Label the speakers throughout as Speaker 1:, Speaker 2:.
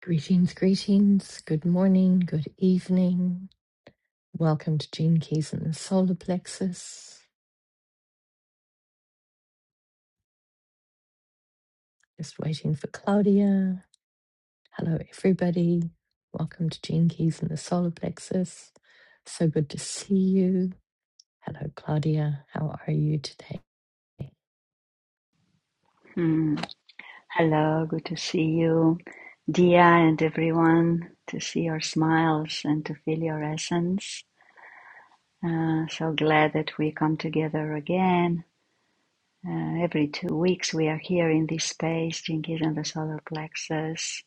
Speaker 1: Greetings, greetings. Good morning, good evening. Welcome to Gene Keys and the Solar Plexus. Just waiting for Claudia. Hello, everybody. Welcome to Gene Keys and the Solar Plexus. So good to see you. Hello, Claudia. How are you today?
Speaker 2: Hmm. Hello, good to see you, Dia, and everyone. To see your smiles and to feel your essence. Uh, so glad that we come together again. Uh, every two weeks, we are here in this space, Jinkies and the solar plexus.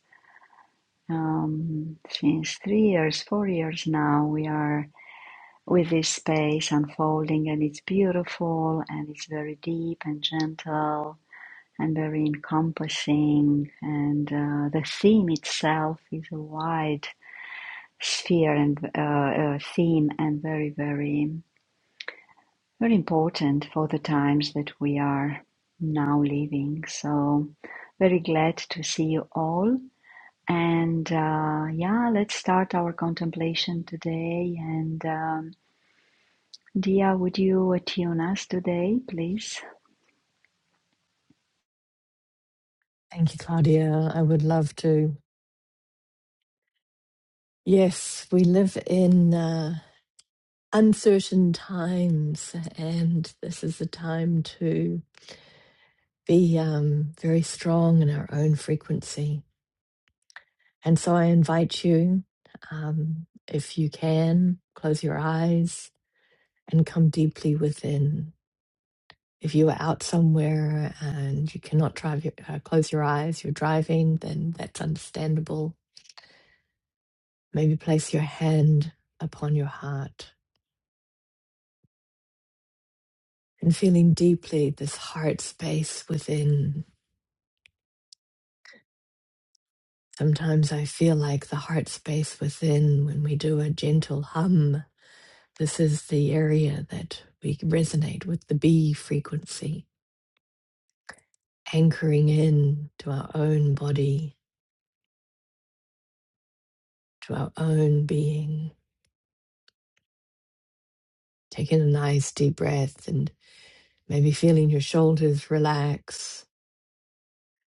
Speaker 2: Um, since three years, four years now, we are with this space unfolding, and it's beautiful and it's very deep and gentle and very encompassing. And uh, the theme itself is a wide sphere and uh, uh, theme, and very, very, very important for the times that we are now living. So, very glad to see you all. And uh, yeah, let's start our contemplation today. And um, Dia, would you attune us today, please?
Speaker 1: Thank you, Claudia. I would love to. Yes, we live in uh, uncertain times, and this is the time to be um, very strong in our own frequency. And so I invite you, um, if you can, close your eyes and come deeply within. If you are out somewhere and you cannot drive your, uh, close your eyes, you're driving, then that's understandable. Maybe place your hand upon your heart and feeling deeply this heart space within. Sometimes I feel like the heart space within when we do a gentle hum This is the area that we resonate with the B frequency, anchoring in to our own body, to our own being. Taking a nice deep breath and maybe feeling your shoulders relax,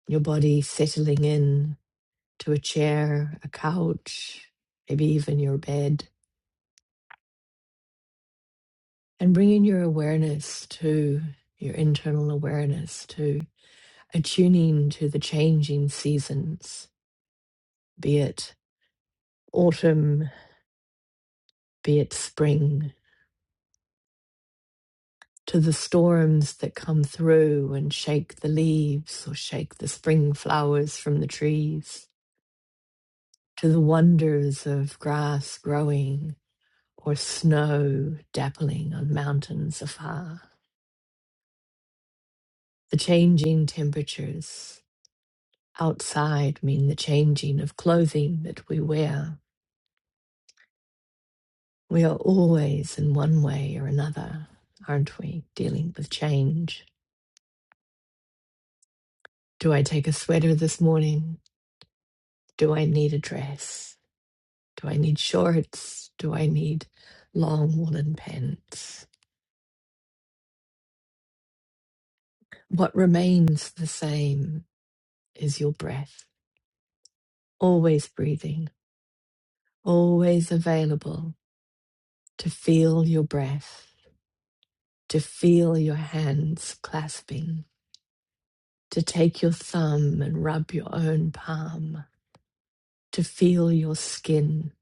Speaker 1: your body settling in to a chair, a couch, maybe even your bed, and bringing your awareness to your internal awareness to attuning to the changing seasons, be it autumn be it spring, to the storms that come through and shake the leaves or shake the spring flowers from the trees, to the wonders of grass growing or snow dappling on mountains afar. The changing temperatures outside mean the changing of clothing that we wear. We are always, in one way or another, aren't we, dealing with change? Do I take a sweater this morning? Do I need a dress? Do I need shorts? Do I need long woolen pants? What remains the same is your breath, always breathing, always available to feel your breath, to feel your hands clasping, to take your thumb and rub your own palm, to feel your skin,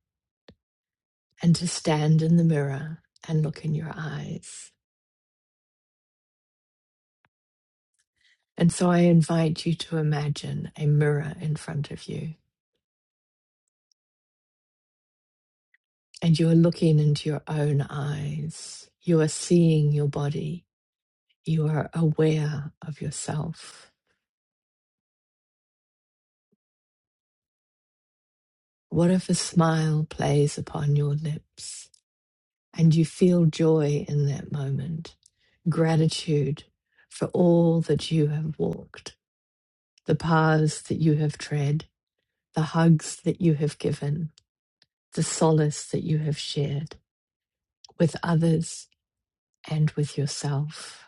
Speaker 1: and to stand in the mirror and look in your eyes. And so I invite you to imagine a mirror in front of you and you are looking into your own eyes. You are seeing your body. You are aware of yourself. What if a smile plays upon your lips and you feel joy in that moment, gratitude for all that you have walked, the paths that you have tread, the hugs that you have given, the solace that you have shared with others and with yourself?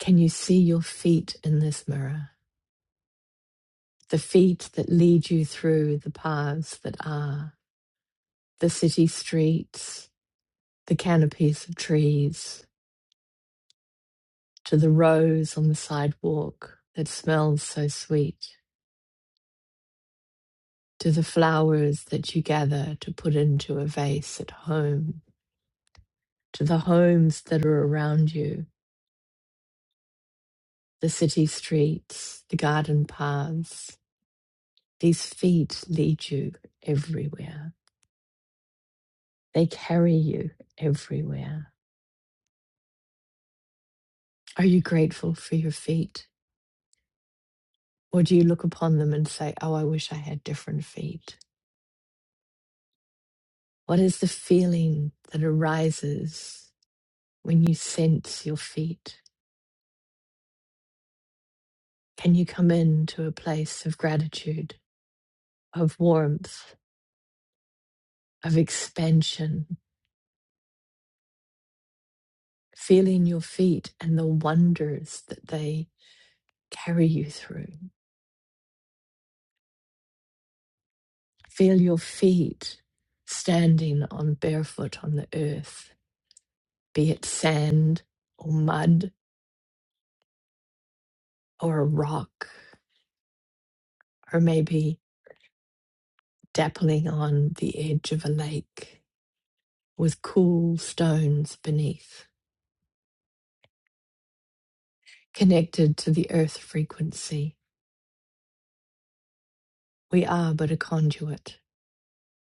Speaker 1: Can you see your feet in this mirror? the feet that lead you through the paths that are, the city streets, the canopies of trees, to the rose on the sidewalk that smells so sweet, to the flowers that you gather to put into a vase at home, to the homes that are around you, the city streets, the garden paths. These feet lead you everywhere. They carry you everywhere. Are you grateful for your feet? Or do you look upon them and say, Oh, I wish I had different feet? What is the feeling that arises when you sense your feet? Can you come into a place of gratitude, of warmth, of expansion, feeling your feet and the wonders that they carry you through? Feel your feet standing on barefoot on the earth, be it sand or mud or a rock, or maybe dappling on the edge of a lake with cool stones beneath. Connected to the earth frequency, we are but a conduit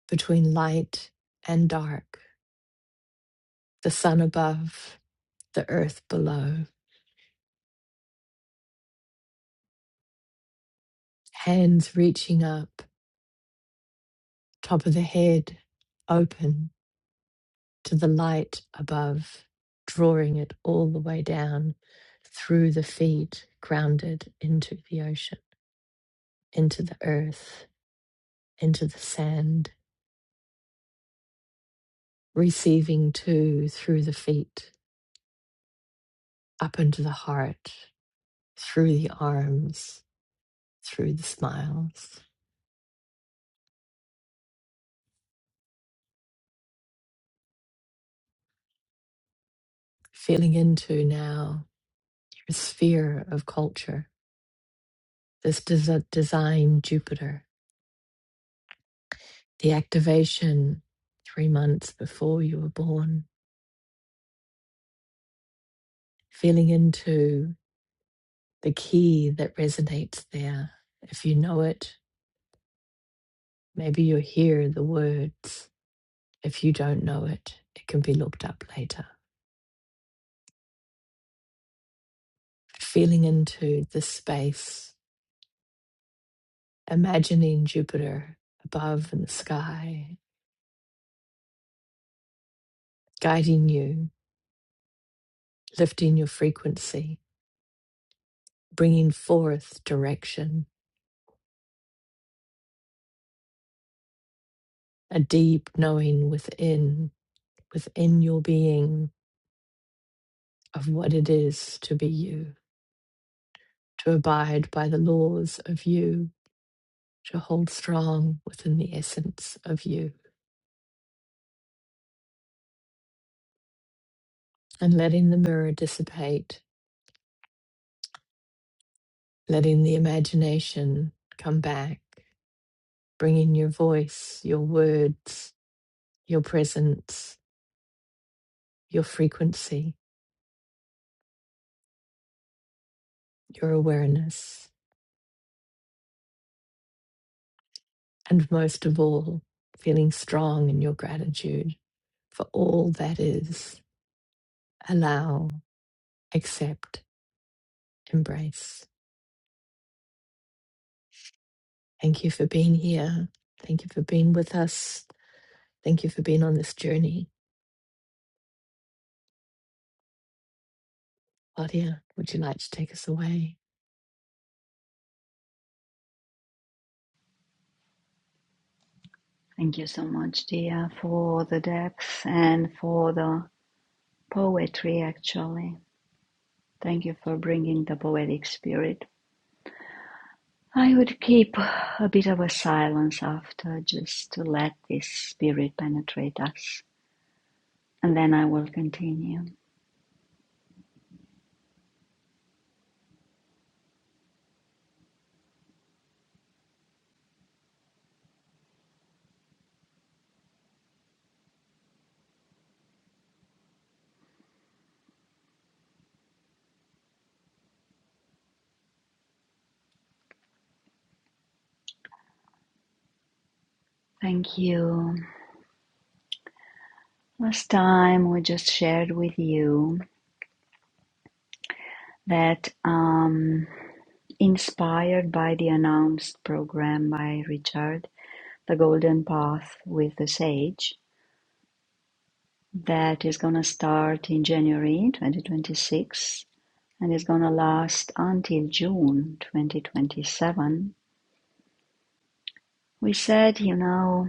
Speaker 1: between light and dark, the sun above, the earth below, hands reaching up, top of the head open to the light above, drawing it all the way down through the feet, grounded into the ocean, into the earth, into the sand receiving too through the feet, up into the heart, through the arms, through the smiles. Feeling into now your sphere of culture, this des- design Jupiter, the activation three months before you were born. Feeling into the key that resonates there. If you know it, maybe you hear the words. If you don't know it, it can be looked up later feeling into the space, imagining Jupiter above in the sky, guiding you, lifting your frequency, bringing forth direction, a deep knowing within, within your being of what it is to be you, to abide by the laws of you, to hold strong within the essence of you, and letting the mirror dissipate, letting the imagination come back Bring in your voice, your words, your presence, your frequency, your awareness, and most of all, feeling strong in your gratitude for all that is. Allow, accept, embrace. Thank you for being here. Thank you for being with us. Thank you for being on this journey. Claudia, would you like to take us away?
Speaker 2: Thank you so much, Dia, for the depth and for the Poetry, actually. Thank you for bringing the poetic spirit. I would keep a bit of a silence after just to let this spirit penetrate us, and then I will continue. Thank you. Last time we just shared with you that, um, inspired by the announced program by Richard, The Golden Path with the Sage, that is going to start in January 2026 and is gonna last until June 2027. We said, you know,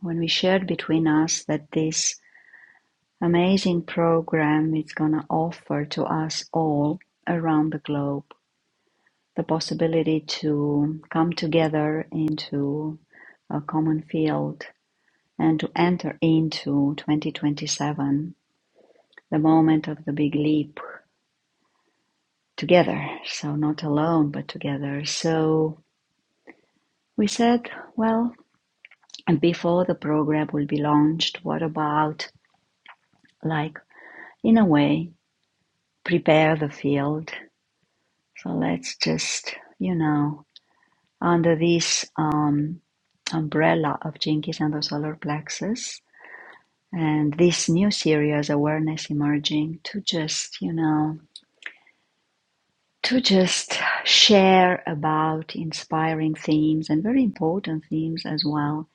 Speaker 2: when we shared between us that this amazing program is gonna offer to us all around the globe the possibility to come together into a common field and to enter into 2027, the moment of the big leap together. So, not alone, but together. So, we said, well, Before the program will be launched, what about like in a way prepare the field? So let's just you know under this um, umbrella of Jinkies and the solar plexus and this new series awareness emerging to just you know to just share about inspiring themes and very important themes as well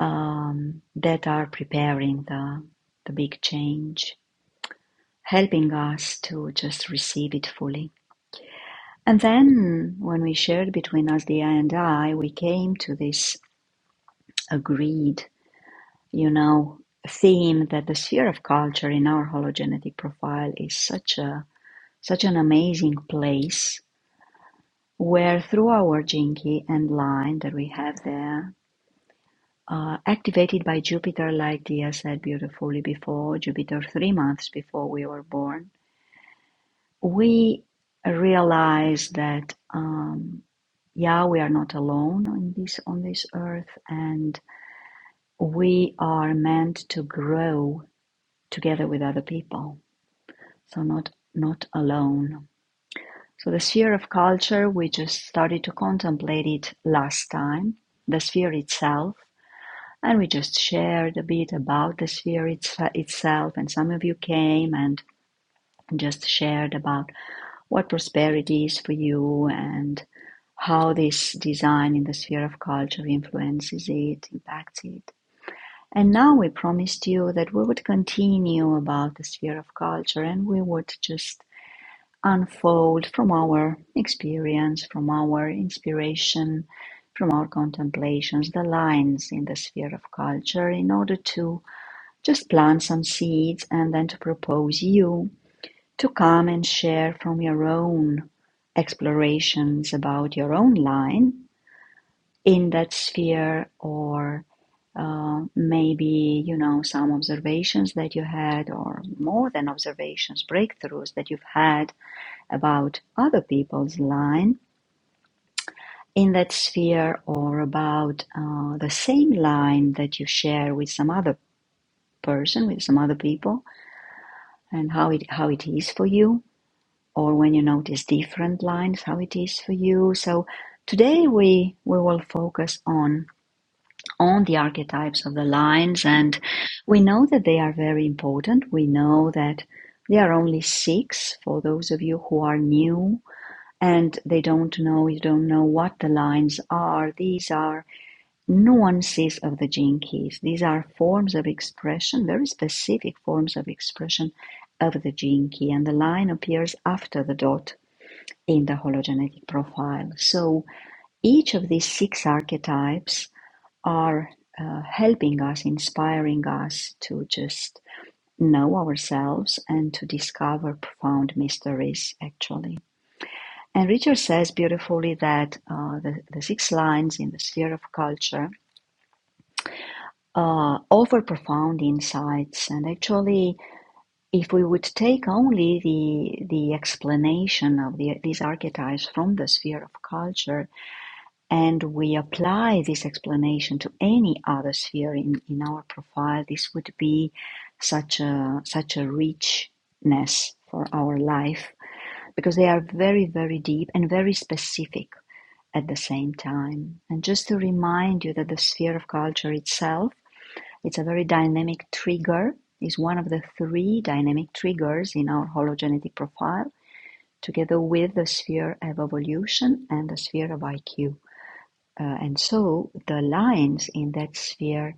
Speaker 2: um, that are preparing the the big change helping us to just receive it fully. And then when we shared between us, the I and I, we came to this agreed, you know, theme that the sphere of culture in our hologenetic profile is such a such an amazing place where through our jinky and line that we have there, uh, activated by Jupiter, like Dia said beautifully before, Jupiter three months before we were born, we realize that um, yeah, we are not alone on this on this earth, and we are meant to grow together with other people. So not not alone. So the sphere of culture, we just started to contemplate it last time, the sphere itself, and we just shared a bit about the sphere it's, itself. And some of you came and just shared about what prosperity is for you and how this design in the sphere of culture influences it, impacts it. And now we promised you that we would continue about the sphere of culture and we would just unfold from our experience, from our inspiration, from our contemplations, the lines in the sphere of culture in order to just plant some seeds and then to propose you to come and share from your own explorations about your own line in that sphere or uh, maybe you know some observations that you had or more than observations breakthroughs that you've had about other people's line in that sphere or about uh, the same line that you share with some other person with some other people and how it how it is for you or when you notice different lines how it is for you so today we we will focus on on the archetypes of the lines, and we know that they are very important. We know that there are only six for those of you who are new and they don't know, you don't know what the lines are. These are nuances of the gene keys. These are forms of expression, very specific forms of expression of the gene key, and the line appears after the dot in the hologenetic profile. So each of these six archetypes are uh, helping us, inspiring us to just know ourselves and to discover profound mysteries, actually. And Richard says beautifully that uh, the, the six lines in the sphere of culture uh, offer profound insights. And actually, if we would take only the, the explanation of the, these archetypes from the sphere of culture, and we apply this explanation to any other sphere in, in our profile, this would be such a such a richness for our life because they are very, very deep and very specific at the same time. And just to remind you that the sphere of culture itself, it's a very dynamic trigger, is one of the three dynamic triggers in our hologenetic profile, together with the sphere of evolution and the sphere of IQ. Uh, and so the lines in that sphere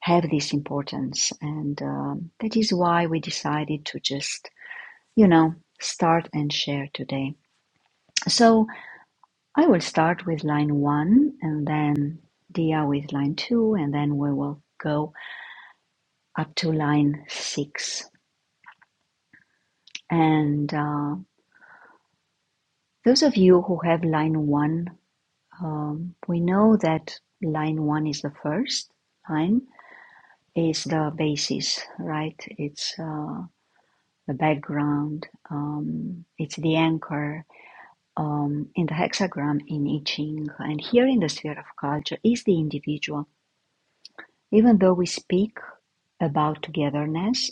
Speaker 2: have this importance. And um, that is why we decided to just, you know, start and share today. So I will start with line one and then Dia with line two, and then we will go up to line six. And uh, those of you who have line one, um, we know that line one is the first line, is the basis, right? It's. Uh, the background. Um, it's the anchor um, in the hexagram in I Ching. And here in the sphere of culture is the individual. Even though we speak about togetherness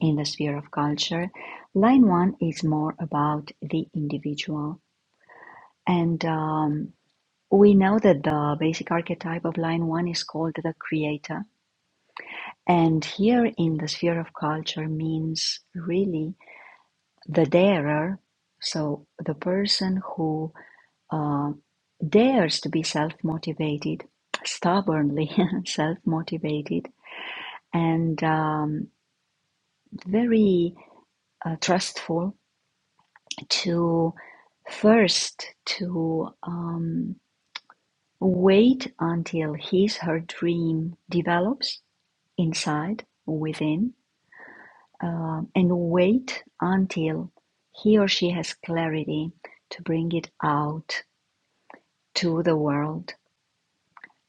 Speaker 2: in the sphere of culture, line one is more about the individual. And um, we know that the basic archetype of line one is called the creator. And here in the sphere of culture means really the darer, so the person who uh, dares to be self motivated, stubbornly self motivated, and um, very uh, trustful to first to um, wait until his her dream develops inside within um, and wait until he or she has clarity to bring it out to the world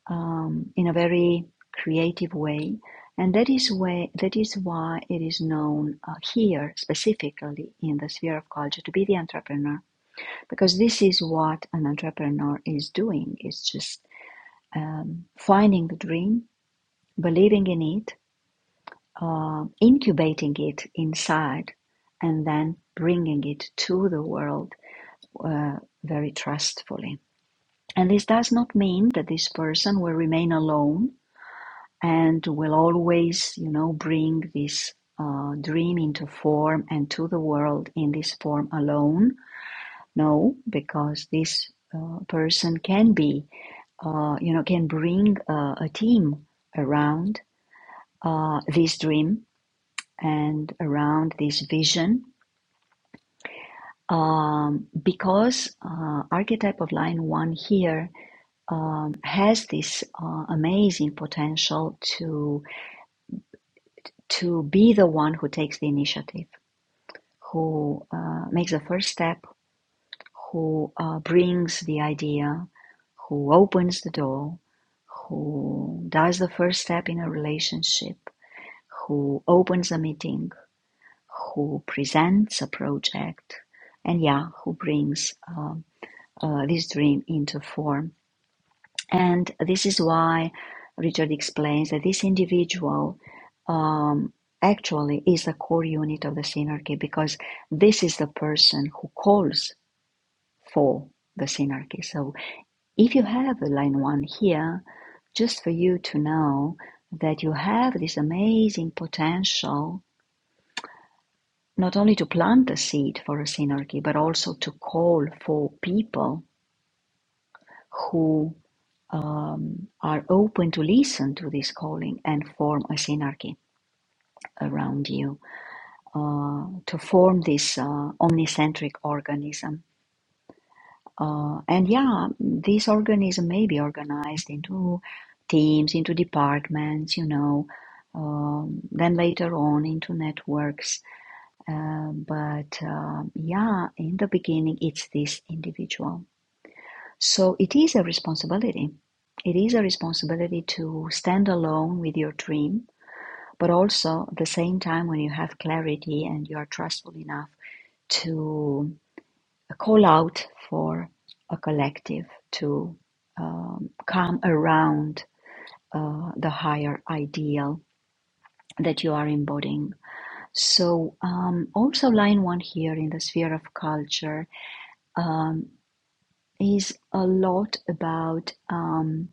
Speaker 2: um, in a very creative way, and that is way that is why it is known uh, here specifically in the sphere of culture to be the entrepreneur, because this is what an entrepreneur is doing. It's just um, finding the dream, believing in it, uh, incubating it inside, and then bringing it to the world uh, very trustfully. And this does not mean that this person will remain alone and will always, you know, bring this uh, dream into form and to the world in this form alone. No, because this uh, person can be, uh, you know, can bring uh, a team around uh, this dream and around this vision. Um, because uh, archetype of line one here um, has this uh, amazing potential to to be the one who takes the initiative who uh, makes the first step, who uh, brings the idea, who opens the door, who does the first step in a relationship, who opens a meeting, who presents a project, and yeah, who brings um, uh, this dream into form. And this is why Richard explains that this individual um, actually is the core unit of the synarchy because this is the person who calls for the synarchy. So if you have a line one here, just for you to know that you have this amazing potential not only to plant the seed for a synarchy, but also to call for people who are open to listen to this calling and form a synarchy around you, uh, to form this uh, omnicentric organism Uh, and yeah, this organism may be organized into teams, into departments, you know, um, then later on into networks. Uh, but um yeah, in the beginning, it's this individual. So it is a responsibility. It is a responsibility to stand alone with your dream, but also at the same time, when you have clarity and you are trustful enough to a call out for a collective to um, come around uh, the higher ideal that you are embodying. So, um, also, line one here in the sphere of culture um, is a lot about um,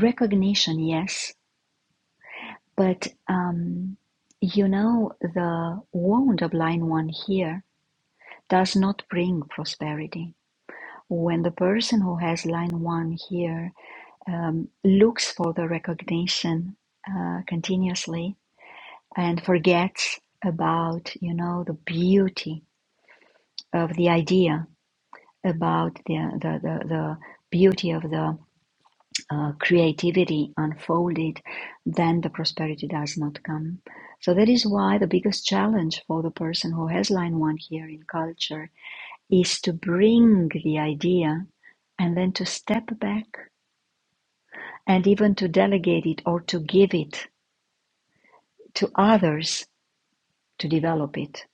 Speaker 2: recognition, yes, but um, you know, the wound of line one here does not bring prosperity. When the person who has line one here um, looks for the recognition uh, continuously and forgets about you know the beauty of the idea about the the, the, the beauty of the uh, creativity unfolded then the prosperity does not come so that is why the biggest challenge for the person who has line one here in culture is to bring the idea and then to step back and even to delegate it or to give it to others to develop it,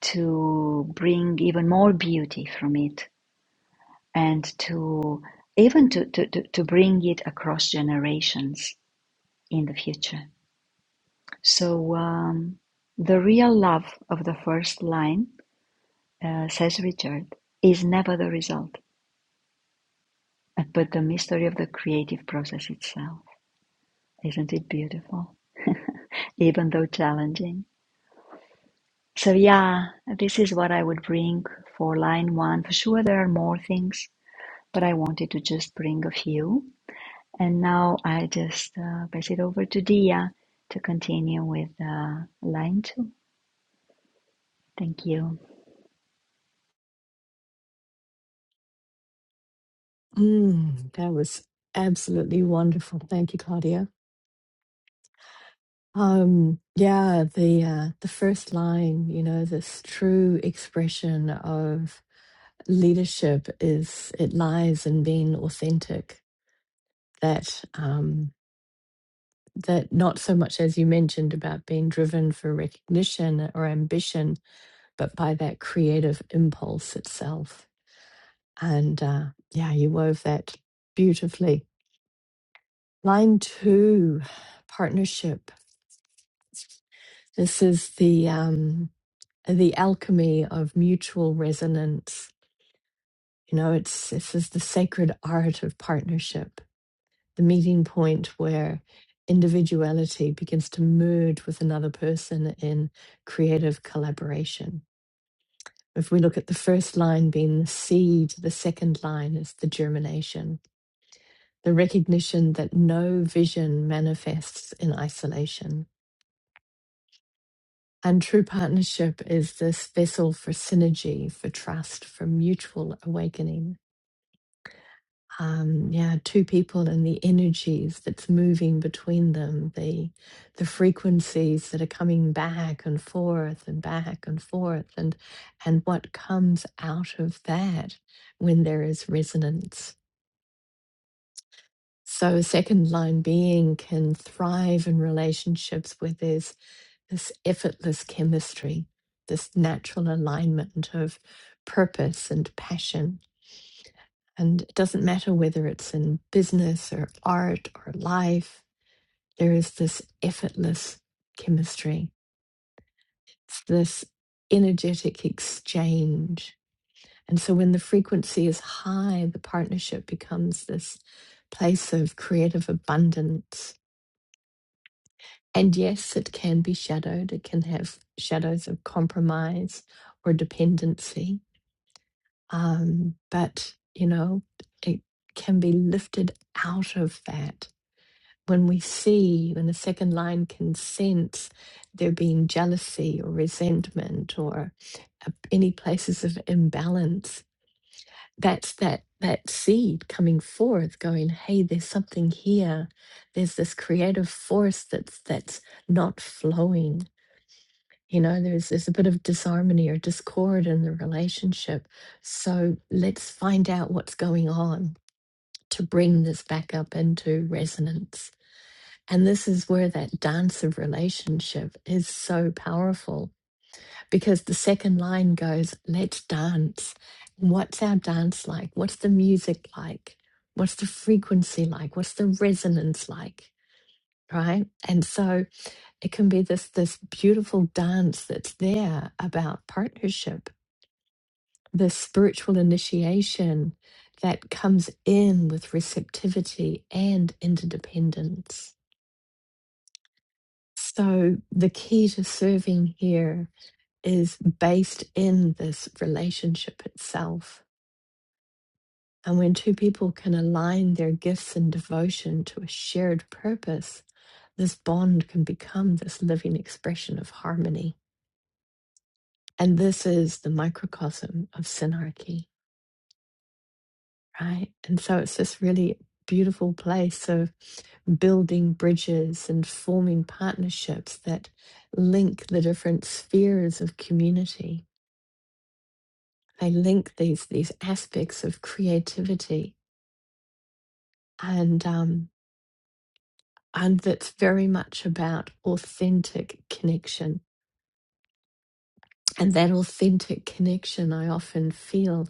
Speaker 2: to bring even more beauty from it, and to even to, to, to, to bring it across generations in the future. So um, the real love of the first line, uh, says Richard, is never the result, but the mystery of the creative process itself. Isn't it beautiful? Even though challenging. So, yeah, this is what I would bring for line one. For sure, there are more things but I wanted to just bring a few. And now I just uh, pass it over to Dia to continue with uh, line two. Thank you.
Speaker 1: Mm, that was absolutely wonderful. Thank you, Claudia. Um, yeah, the uh, the first line, you know, this true expression of leadership is it lies in being authentic. That um, that not so much as you mentioned about being driven for recognition or ambition, but by that creative impulse itself. And uh, yeah, you wove that beautifully. Line two, partnership. This is the um, the alchemy of mutual resonance. You know, it's this is the sacred art of partnership, the meeting point where individuality begins to merge with another person in creative collaboration. If we look at the first line being the seed, the second line is the germination, the recognition that no vision manifests in isolation. And true partnership is this vessel for synergy, for trust, for mutual awakening um yeah two people and the energies that's moving between them the the frequencies that are coming back and forth and back and forth and and what comes out of that when there is resonance so second line being can thrive in relationships where there's this effortless chemistry this natural alignment of purpose and passion And it doesn't matter whether it's in business or art or life, there is this effortless chemistry, it's this energetic exchange. And so when the frequency is high, the partnership becomes this place of creative abundance. And yes, it can be shadowed, it can have shadows of compromise or dependency. Um, but, you know, it can be lifted out of that when we see, when the second line can sense there being jealousy or resentment or uh, any places of imbalance, that's that that seed coming forth, going, "Hey, there's something here. There's this creative force that's that's not flowing." You know, there's there's a bit of disharmony or discord in the relationship. So let's find out what's going on to bring this back up into resonance and this is where that dance of relationship is so powerful because the second line goes, let's dance. What's our dance like? What's the music like? What's the frequency like? What's the resonance like? Right. And so it can be this this beautiful dance that's there about partnership, this spiritual initiation that comes in with receptivity and interdependence. So, the key to serving here is based in this relationship itself. And when two people can align their gifts and devotion to a shared purpose, this bond can become this living expression of harmony. And this is the microcosm of synarchy, right? And so, it's this really beautiful place of building bridges and forming partnerships that link the different spheres of community they link these these aspects of creativity and um, and that's very much about authentic connection and that authentic connection I often feel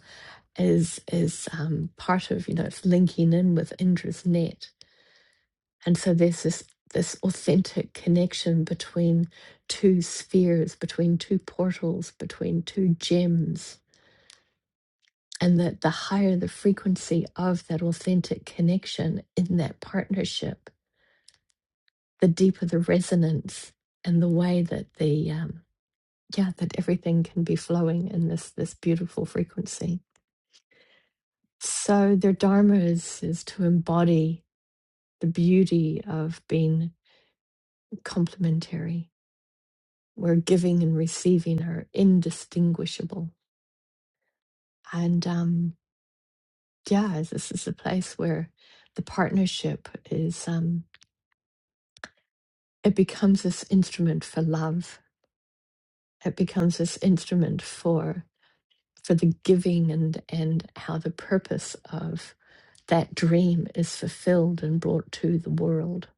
Speaker 1: is is um, part of you know it's linking in with Indra's net and so there's this this authentic connection between two spheres between two portals between two gems and that the higher the frequency of that authentic connection in that partnership the deeper the resonance and the way that the um, yeah that everything can be flowing in this this beautiful frequency so their dharma is is to embody the beauty of being complementary where giving and receiving are indistinguishable and um yeah this is a place where the partnership is um it becomes this instrument for love it becomes this instrument for for the giving and and how the purpose of that dream is fulfilled and brought to the world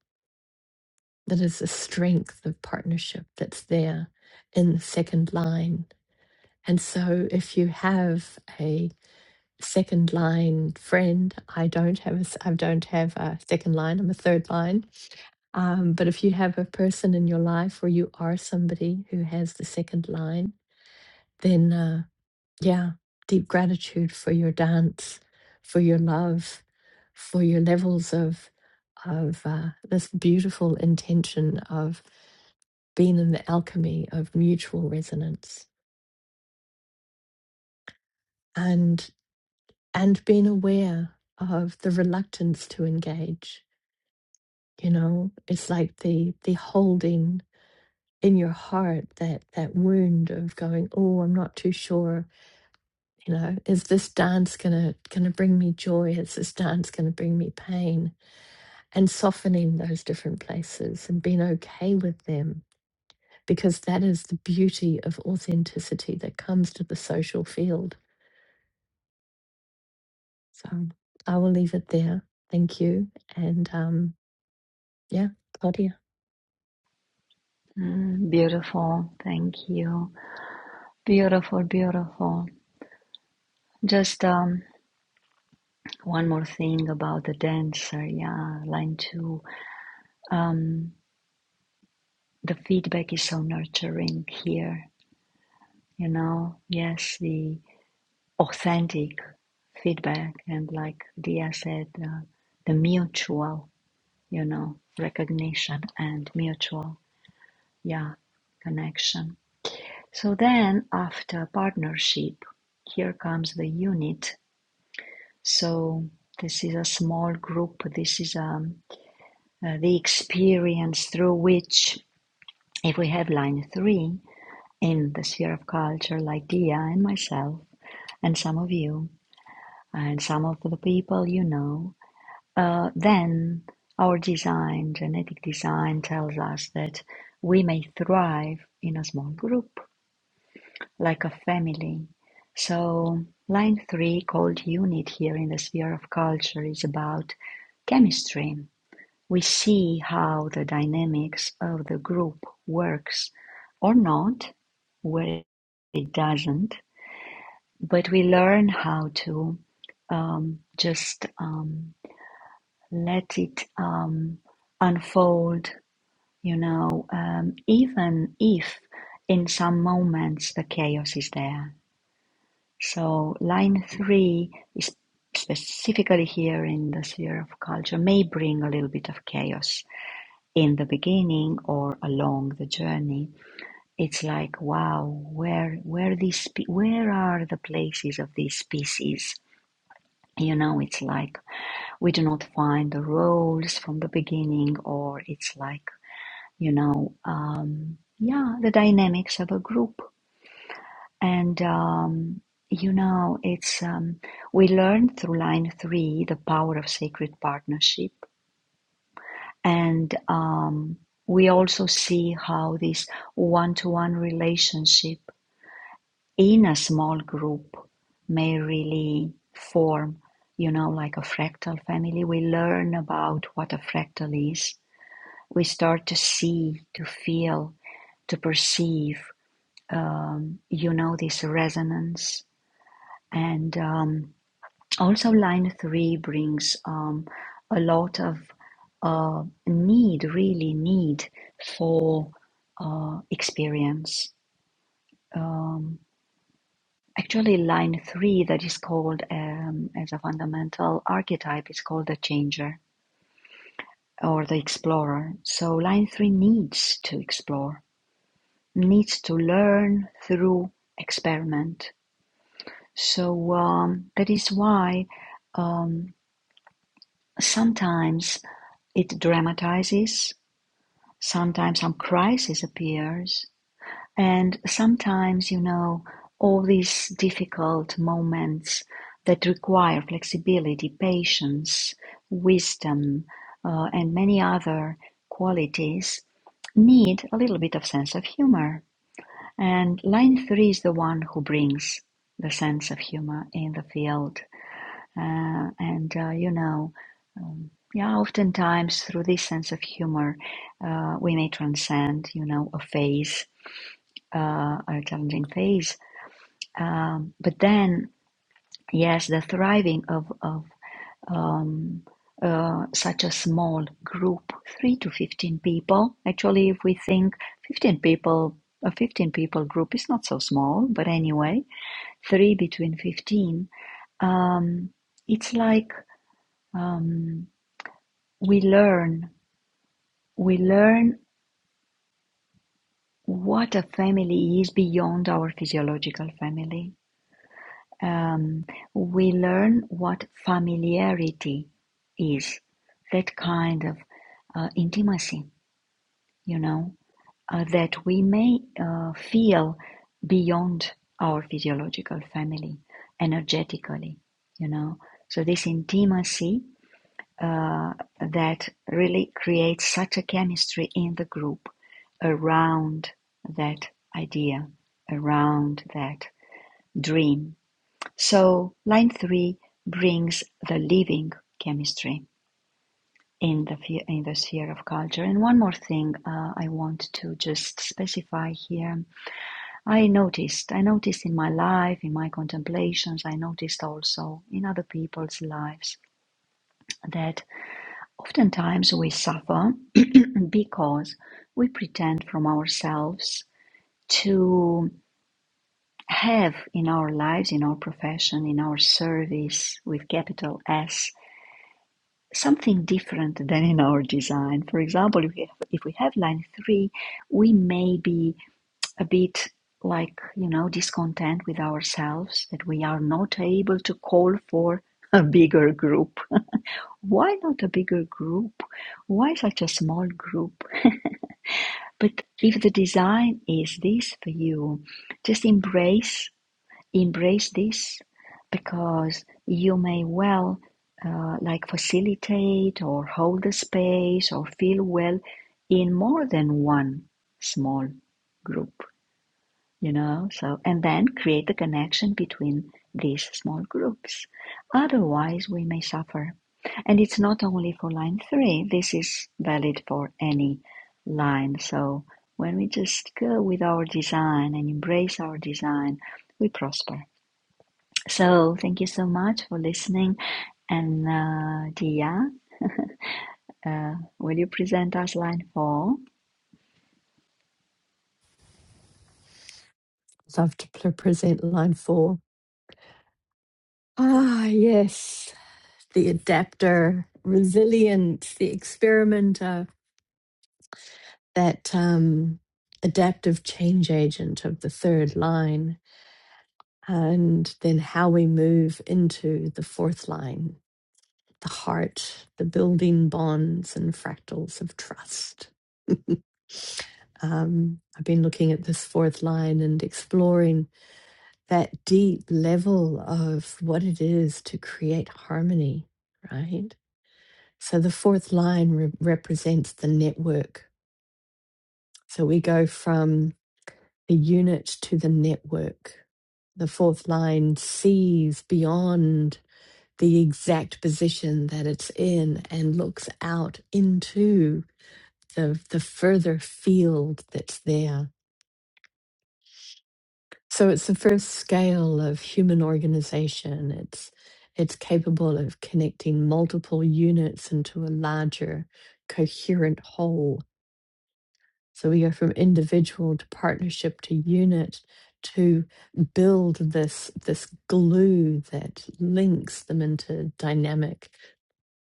Speaker 1: that is the strength of partnership that's there in the second line and so if you have a second line friend i don't have a s- i don't have a second line i'm a third line um, but if you have a person in your life or you are somebody who has the second line, then uh, Yeah, deep gratitude for your dance, for your love, for your levels of of uh, this beautiful intention of being in the alchemy of mutual resonance and and being aware of the reluctance to engage. You know, it's like the the holding in your heart that that wound of going, oh, I'm not too sure. You know, is this dance gonna gonna bring me joy? Is this dance gonna bring me pain? and softening those different places and being okay with them because that is the beauty of authenticity that comes to the social field. So I will leave it there. Thank you. And um, yeah, Claudia,
Speaker 2: Mm, beautiful. Thank you. Beautiful, beautiful. Just um, one more thing about the dancer. Yeah, line two. Um, the feedback is so nurturing here. You know, yes, the authentic feedback and like Dia said, uh, the mutual you know, recognition and mutual, yeah, connection. So then after partnership, here comes the unit. So this is a small group. This is um, uh, the experience through which, if we have line three in the sphere of culture, like Dia and myself, and some of you, and some of the people you know, Uh, then our design, genetic design, tells us that we may thrive in a small group, like a family. So, line three, called unit here in the sphere of culture, is about chemistry. We see how the dynamics of the group works or not, where it doesn't, but we learn how to um, just. Um, let it um, unfold, you know, um, even if in some moments the chaos is there. So, line three is specifically here in the sphere of culture, may bring a little bit of chaos in the beginning or along the journey. It's like, wow, where where these pe- where are the places of these species? You know, it's like we do not find the roles from the beginning or it's like you know um, yeah the dynamics of a group and um, you know it's um, we learn through line three the power of sacred partnership and um, we also see how this one-to-one relationship in a small group may really form you know like a fractal family we learn about what a fractal is we start to see, to feel, to perceive, um, you know, this resonance. And um, also, line three brings um, a lot of uh, need, really need for uh, experience. Um, actually, line three, that is called um, as a fundamental archetype, is called the changer or the explorer. So, line three needs to explore needs to learn through experiment. So um, that is why um, sometimes it dramatizes, sometimes some crisis appears, and sometimes, you know, all these difficult moments that require flexibility, patience, wisdom, uh, and many other qualities need a little bit of sense of humor. And line three is the one who brings the sense of humor in the field. Uh, and, uh, you know, yeah, oftentimes through this sense of humor, uh, we may transcend, you know, a phase, uh, a challenging phase. Um, but then, yes, the thriving of, of um, uh, such a small group, three to 15 people. Actually, if we think 15 people, a 15 people group is not so small, but anyway, three between 15 um, it's like um, we learn we learn what a family is beyond our physiological family um, we learn what familiarity is that kind of uh, intimacy you know uh, that we may uh, feel beyond our physiological family energetically you know so this intimacy uh, that really creates such a chemistry in the group around that idea, around that dream. So line three brings the living chemistry in the in the sphere of culture. And one more thing uh, I want to just specify here. I noticed, I noticed in my life, in my contemplations, I noticed also in other people's lives that oftentimes we suffer because we pretend from ourselves to have in our lives, in our profession, in our service with capital S, something different than in our design. For example, if we have, if we have line three, we may be a bit like, you know, discontent with ourselves that we are not able to call for a bigger group. Why not a bigger group? Why such a small group? But if the design is this for you, just embrace embrace this because you may well uh, like facilitate or hold the space or feel well in more than one small group you know so and then create the connection between these small groups otherwise we may suffer and it's not only for line 3 this is valid for any line so when we just go with our design and embrace our design we prosper so thank you so much for listening and uh, dia uh, will you present us line 4
Speaker 1: love to pre- present line four. Ah, yes, the adapter, resilient, the experimenter, that um, adaptive change agent of the third line and then how we move into the fourth line, the heart, the building bonds and fractals of trust. Um, I've been looking at this fourth line and exploring that deep level of what it is to create harmony, right? So the fourth line re- represents the network. So we go from the unit to the network. The fourth line sees beyond the exact position that it's in and looks out into the, the further field that's there. So it's the first scale of human organization. It's it's capable of connecting multiple units into a larger coherent whole. So we go from individual to partnership to unit to build this this glue that links them into dynamic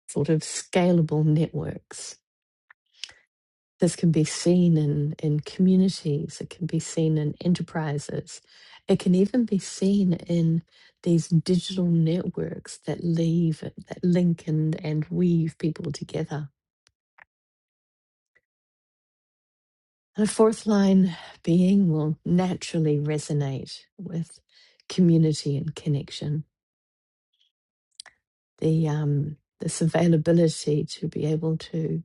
Speaker 1: sort of scalable networks. This can be seen in, in communities, it can be seen in enterprises, it can even be seen in these digital networks that leave that link and, and weave people together. And a fourth line being will naturally resonate with community and connection. The um, this availability to be able to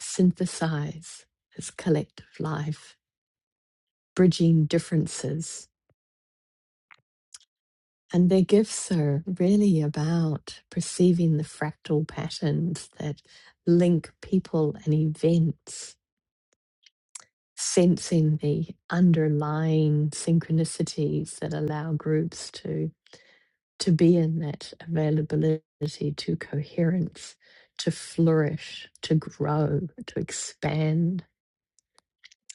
Speaker 1: synthesize this collective life bridging differences. And their gifts are really about perceiving the fractal patterns that link people and events, sensing the underlying synchronicities that allow groups to, to be in that availability to coherence, to flourish, to grow, to expand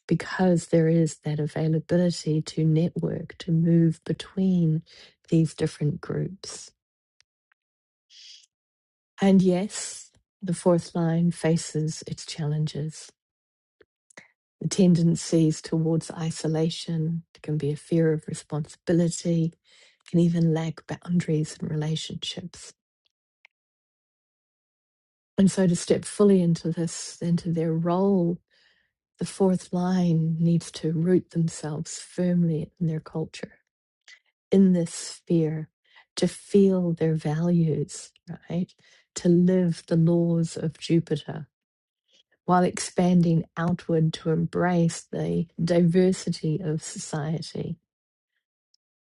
Speaker 1: because there is that availability to network, to move between these different groups. And yes, the fourth line faces its challenges. The tendencies towards isolation can be a fear of responsibility, can even lack boundaries in relationships. And so to step fully into this, into their role, the fourth line needs to root themselves firmly in their culture in this sphere to feel their values, right? To live the laws of Jupiter while expanding outward to embrace the diversity of society.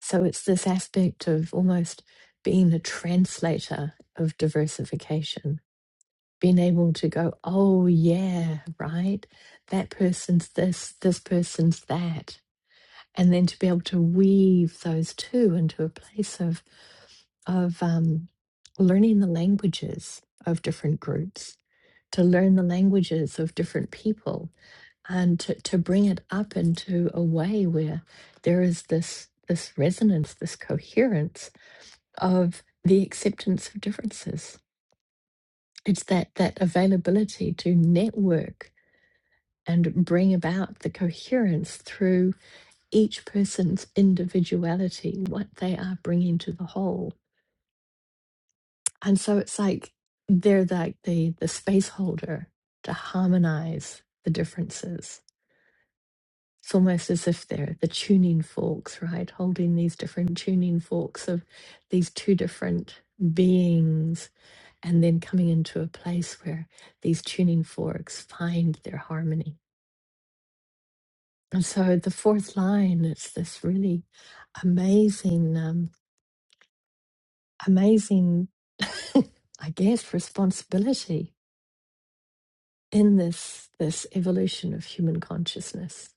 Speaker 1: So it's this aspect of almost being a translator of diversification, being able to go, oh, yeah, right? That person's this, this person's that and then to be able to weave those two into a place of of um, learning the languages of different groups to learn the languages of different people and to, to bring it up into a way where there is this this resonance this coherence of the acceptance of differences it's that that availability to network and bring about the coherence through. each person's individuality, what they are bringing to the whole. And so it's like they're like the, the space holder to harmonize the differences. It's almost as if they're the tuning forks, right? Holding these different tuning forks of these two different beings, and then coming into a place where these tuning forks find their harmony. And so the fourth line, it's this really amazing. Um, amazing, I guess, responsibility in this this evolution of human consciousness.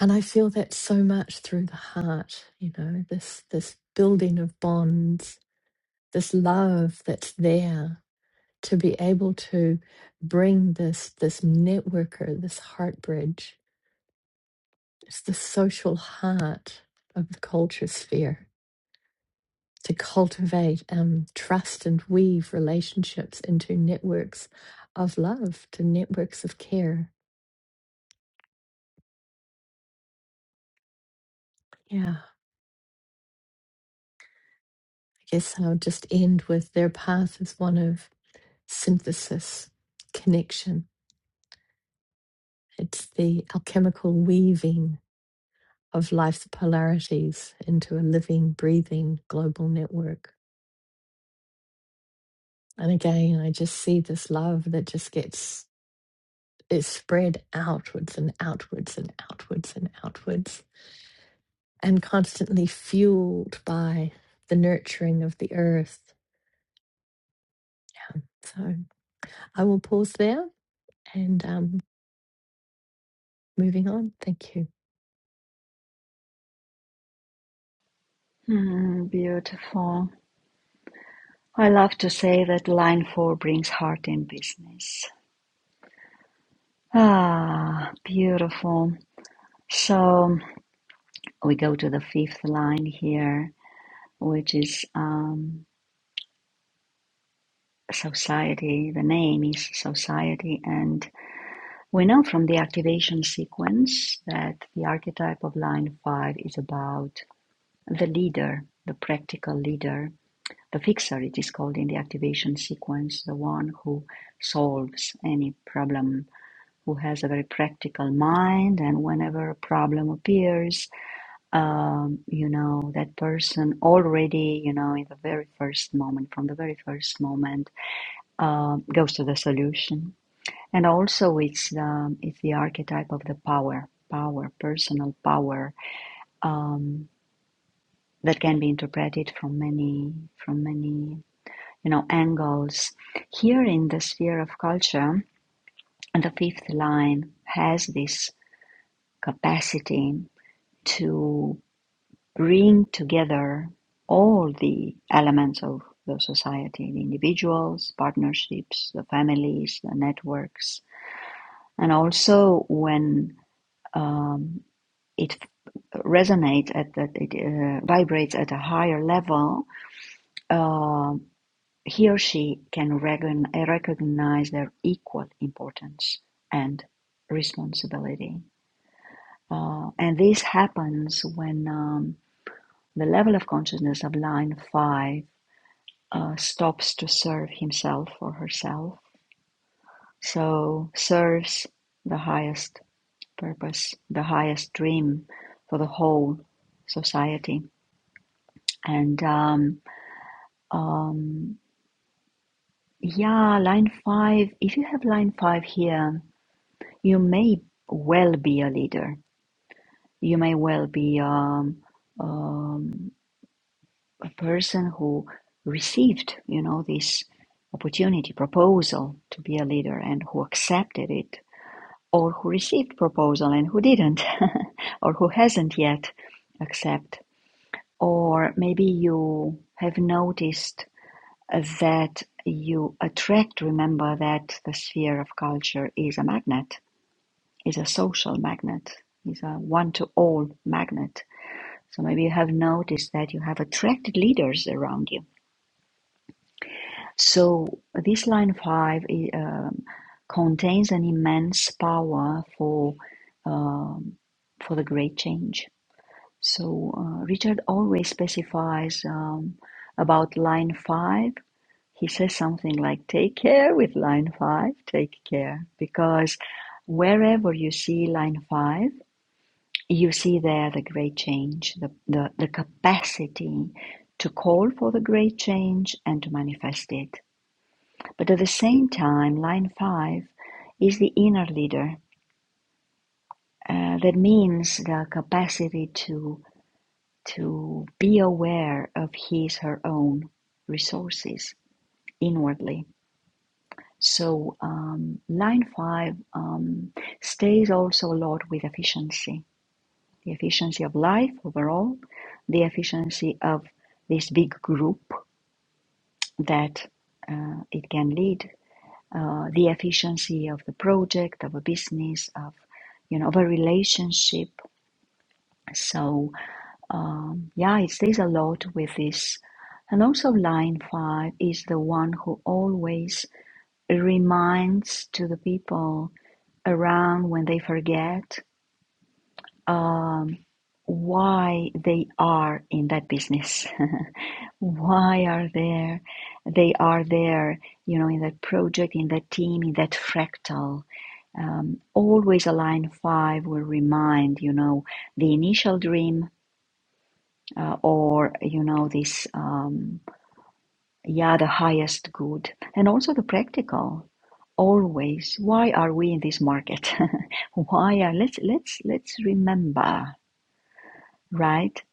Speaker 1: And I feel that so much through the heart, you know, this this building of bonds, this love that's there to be able to bring this this networker, this heart bridge, it's the social heart of the culture sphere to cultivate um, trust and weave relationships into networks of love, to networks of care. Yeah, I guess I'll just end with their path is one of synthesis, connection. It's the alchemical weaving of life's polarities into a living, breathing global network. And again, I just see this love that just gets is spread outwards and outwards and outwards and outwards and constantly fueled by the nurturing of the earth. So I will pause there and um, moving on. Thank you.
Speaker 2: Hmm, beautiful I love to say that line four brings heart in business. Ah, beautiful. So we go to the fifth line here, which is um, society. The name is society. And we know from the activation sequence that the archetype of line five is about the leader, the practical leader, the fixer, it is called in the activation sequence, the one who solves any problem who has a very practical mind and whenever a problem appears um, you know that person already you know in the very first moment from the very first moment um, goes to the solution and also it's the it's the archetype of the power power personal power um, that can be interpreted from many from many you know angles here in the sphere of culture the fifth line has this capacity to bring together all the elements of the society the individuals, partnerships, the families, the networks. And also, when um, it resonates at that, it uh, vibrates at a higher level, uh, he or she can recogn- recognize their equal importance and responsibility. Uh, and this happens when. Um, The level of consciousness of line five uh, stops to serve himself or herself, so serves the highest purpose, the highest dream for the whole society. And um, um, yeah, line five, if you have line five here, you may well be a leader. You may well be um, um, a person who received, you know, this opportunity, proposal to be a leader and who accepted it, or who received proposal and who didn't, or who hasn't yet accept. Or maybe you have noticed that you attract, remember that the sphere of culture is a magnet, is a social magnet, is a one to all magnet. So maybe you have noticed that you have attracted leaders around you So this line five i- um, contains an immense power for um, for the great change. So uh, Richard always specifies um, about line five. He says something like, "Take care with line five. Take care," because wherever you see line five, you see there the great change, the, the, the capacity to call for the great change and to manifest it. But at the same time, line five is the inner leader. Uh, that means the capacity to to be aware of his her own resources inwardly. So um, line five um, stays also a lot with efficiency, the efficiency of life overall, the efficiency of this big group that uh, it can lead uh, the efficiency of the project, of a business, of you know, of a relationship. So um, yeah, it stays a lot with this. And also, line five is the one who always reminds to the people around when they forget um, why they are in that business. why are there? They are there, you know, in that project, in that team, in that fractal um, always align five will remind you know the initial dream uh, or you know this um, yeah the highest good and also the practical always why are we in this market why are let's let's let's remember right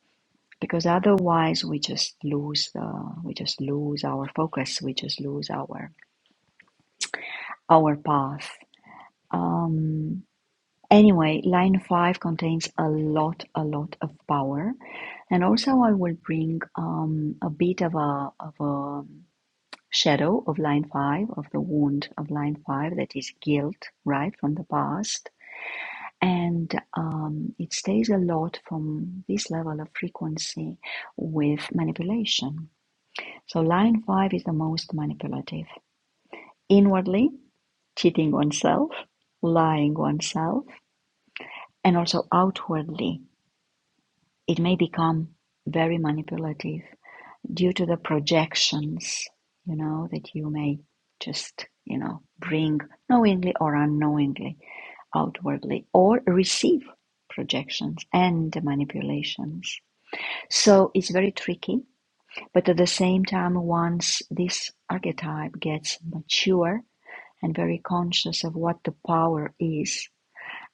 Speaker 2: because otherwise we just lose the we just lose our focus we just lose our our path um Anyway, line 5 contains a lot, a lot of power. And also I will bring um, a bit of a, of a shadow of line 5, of the wound of line 5 that is guilt, right, from the past. And um, it stays a lot from this level of frequency with manipulation. So line 5 is the most manipulative. Inwardly, cheating oneself, lying oneself, and also outwardly it may become very manipulative due to the projections, you know, that you may just, you know, bring knowingly or unknowingly outwardly or receive projections and manipulations. So it's very tricky, but at the same time, once this archetype gets mature and very conscious of what the power is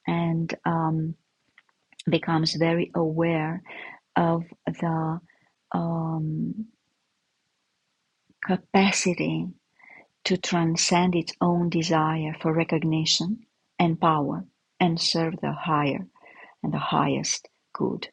Speaker 2: and um, becomes very aware of the um, Capacity to transcend its own desire for recognition and power and serve the higher and the highest good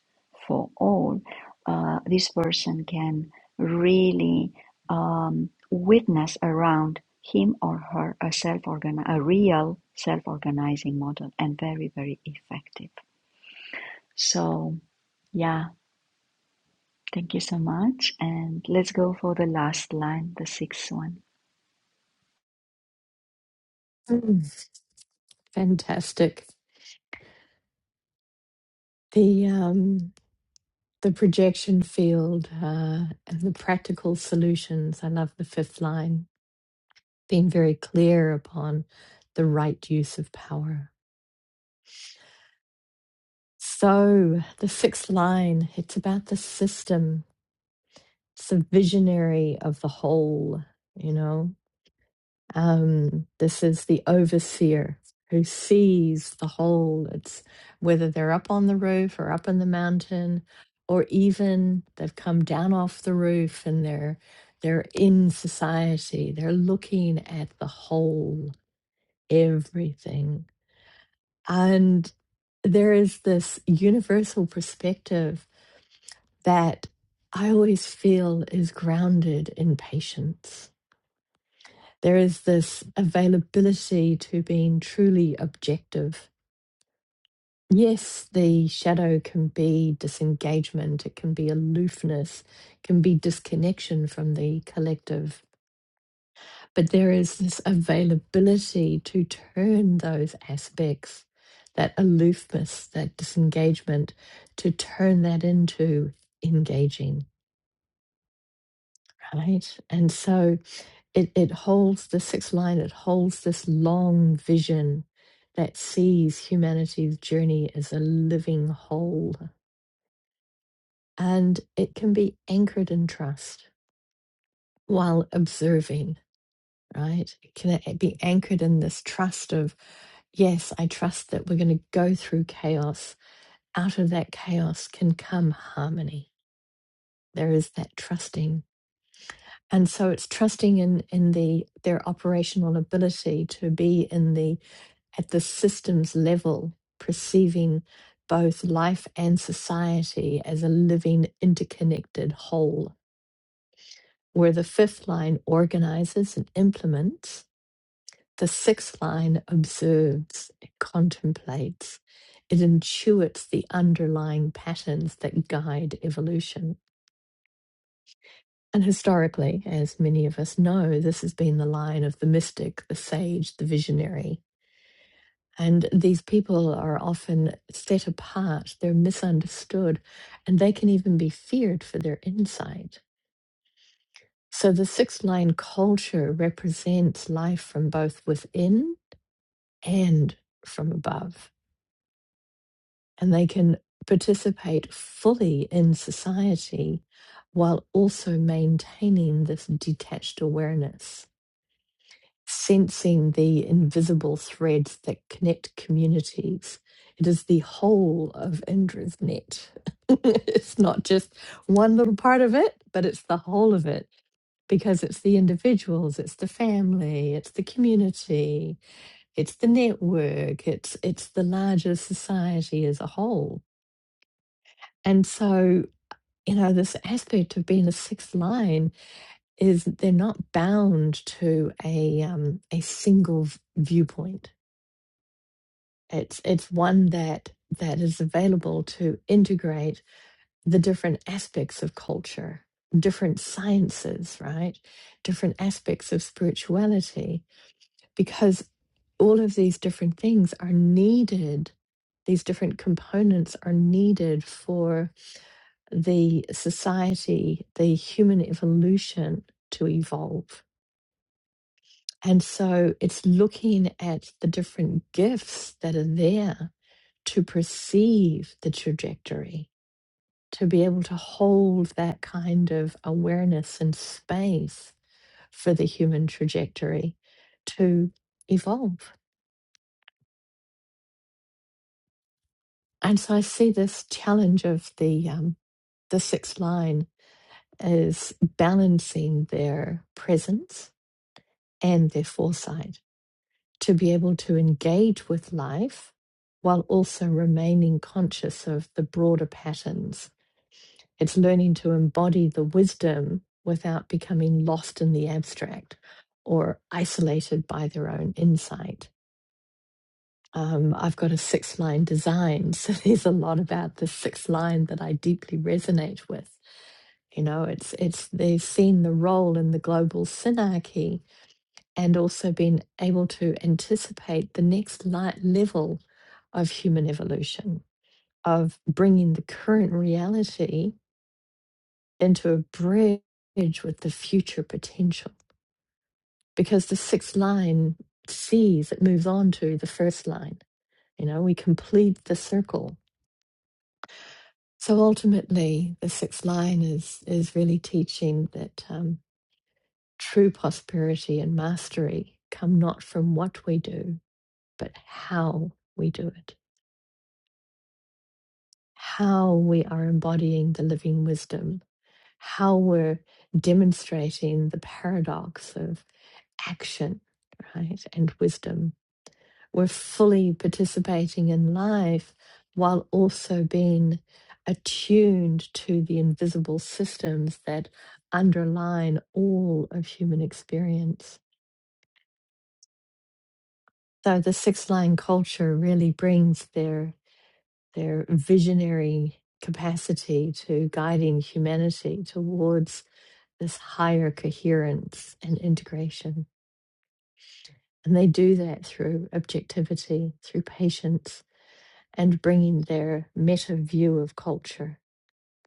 Speaker 2: for all, uh, this person can really um, witness around him or her a self organi a real self-organizing model and very very effective so yeah thank you so much and let's go for the last line the sixth one
Speaker 1: Mm, fantastic. The um, the projection field uh, and the practical solutions. I love the fifth line. Being very clear upon the right use of power. So the sixth line. It's about the system. It's a visionary of the whole. You know, Um, this is the overseer who sees the whole. It's whether they're up on the roof or up in the mountain, or even they've come down off the roof and they're they're in society. They're looking at the whole, everything, and there is this universal perspective that I always feel is grounded in patience There is this availability to being truly objective. Yes, the shadow can be disengagement, it can be aloofness, it can be disconnection from the collective, but there is this availability to turn those aspects, that aloofness, that disengagement, to turn that into engaging right? And so it, it holds the sixth line, it holds this long vision that sees humanity's journey as a living whole. And it can be anchored in trust while observing, right? It can a- be anchored in this trust of, yes, I trust that we're going to go through chaos. Out of that chaos can come harmony. There is that trusting and so it's trusting in in the their operational ability to be in the at the systems level perceiving both life and society as a living interconnected whole where the fifth line organizes and implements the sixth line observes it contemplates it intuits the underlying patterns that guide evolution And historically, as many of us know, this has been the line of the mystic, the sage, the visionary. And these people are often set apart, they're misunderstood, and they can even be feared for their insight. So the sixth line culture represents life from both within and from above. And they can participate fully in society while also maintaining this detached awareness. sensing the invisible threads that connect communities. It is the whole of Indra's net. it's not just one little part of it, but it's the whole of it because it's the individuals, it's the family, it's the community, it's the network, it's it's the larger society as a whole. And so, you know, this aspect of being a sixth line is they're not bound to a um, a single v- viewpoint It's it's one that that is available to integrate the different aspects of culture, different sciences, right? Different aspects of spirituality, because all of these different things are needed these different components are needed for the society the human evolution to evolve and so it's looking at the different gifts that are there to perceive the trajectory, to be able to hold that kind of awareness and space for the human trajectory to evolve. And so I see this challenge of the um, the sixth line as balancing their presence and their foresight to be able to engage with life while also remaining conscious of the broader patterns It's learning to embody the wisdom without becoming lost in the abstract or isolated by their own insight. Um, I've got a six line design, so there's a lot about the six line that I deeply resonate with. You know, it's it's they've seen the role in the global synarchy and also been able to anticipate the next light level of human evolution, of bringing the current reality into a bridge with the future potential because the sixth line sees it moves on to the first line you know we complete the circle so ultimately the sixth line is is really teaching that um, true prosperity and mastery come not from what we do but how we do it how we are embodying the living wisdom how we're demonstrating the paradox of action, right, and wisdom. We're fully participating in life while also being attuned to the invisible systems that underline all of human experience. So the six line culture really brings their their visionary capacity to guiding humanity towards this higher coherence and integration. And they do that through objectivity, through patience, and bringing their meta view of culture,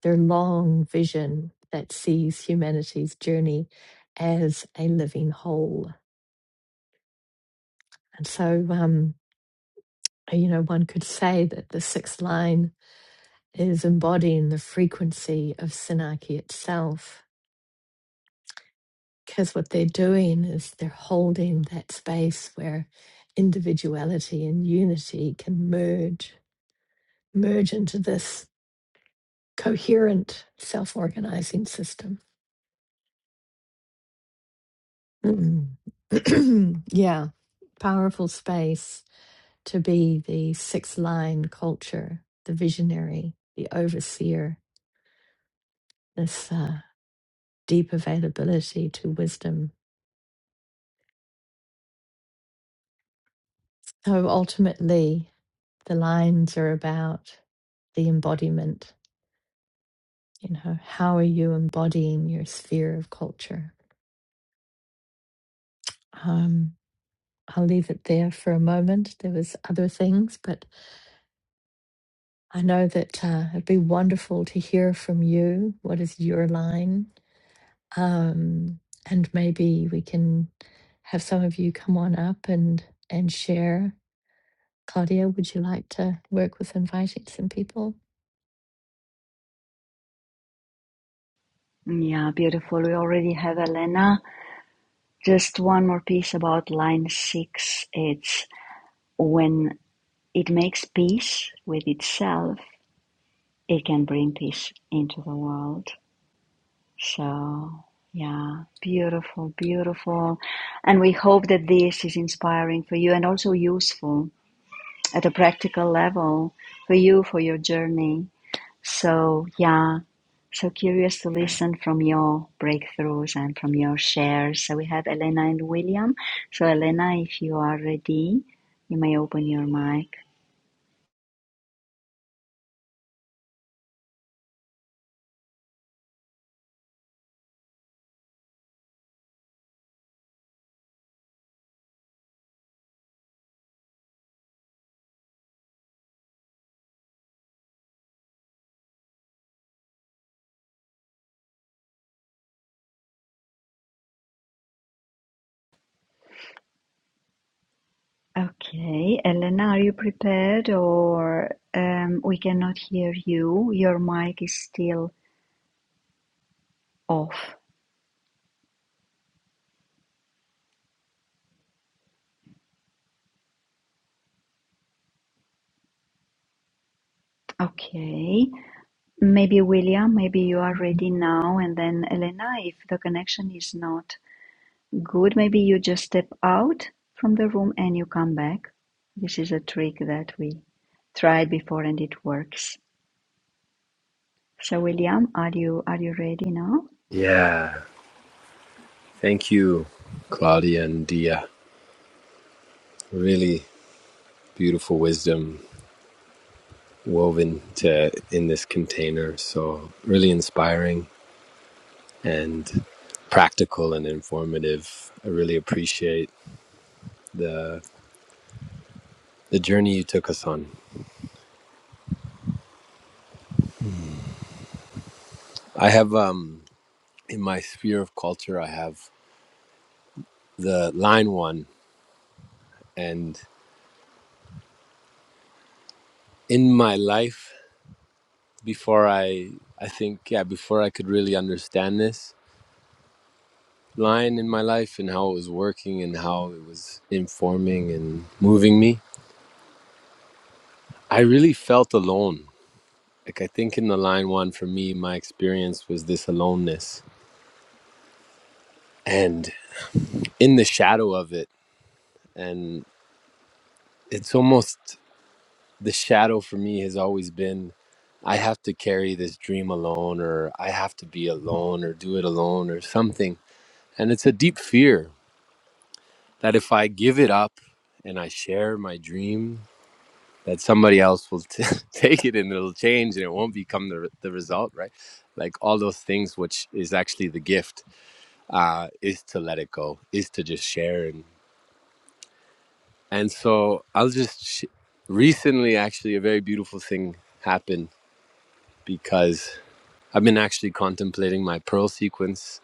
Speaker 1: their long vision that sees humanity's journey as a living whole. And so, um, you know, one could say that the sixth line is embodying the frequency of Sinaki itself, because what they're doing is they're holding that space where individuality and unity can merge, merge into this coherent self organizing system. Mm. yeah, powerful space to be the six line culture, the visionary, the overseer, this uh, deep availability to wisdom. So ultimately, the lines are about the embodiment. You know, how are you embodying your sphere of culture? Um, I'll leave it there for a moment. There was other things, but I know that uh, it'd be wonderful to hear from you. What is your line? Um, and maybe we can have some of you come on up and and share. Claudia, would you like to work with inviting some people?
Speaker 2: Yeah, beautiful. We already have Elena. Just one more piece about line six. It's when it makes peace with itself, it can bring peace into the world. So, yeah, beautiful, beautiful. And we hope that this is inspiring for you and also useful at a practical level for you, for your journey. So yeah, so curious to listen from your breakthroughs and from your shares. So we have Elena and William. So Elena, if you are ready, you may open your mic. Okay, Elena, are you prepared or um, we cannot hear you? Your mic is still off. Okay, maybe William, maybe you are ready now, and then Elena, if the connection is not Good, maybe you just step out from the room and you come back. This is a trick that we tried before and it works. So William, are you are you ready now?
Speaker 3: Yeah. Thank you, Claudia and Dia. Really beautiful wisdom woven to in this container. So really inspiring and practical and informative. I really appreciate the the journey you took us on. I have um in my sphere of culture I have the line one and in my life before I I think yeah before I could really understand this line in my life and how it was working and how it was informing and moving me. I really felt alone. Like, I think in the line one, for me, my experience was this aloneness and in the shadow of it. And it's almost the shadow for me has always been I have to carry this dream alone, or I have to be alone, or do it alone, or something. And it's a deep fear that if I give it up and I share my dream that somebody else will t- take it and it'll change and it won't become the, re- the result right like all those things which is actually the gift uh is to let it go is to just share and and so i'll just sh- recently actually a very beautiful thing happened because i've been actually contemplating my pearl sequence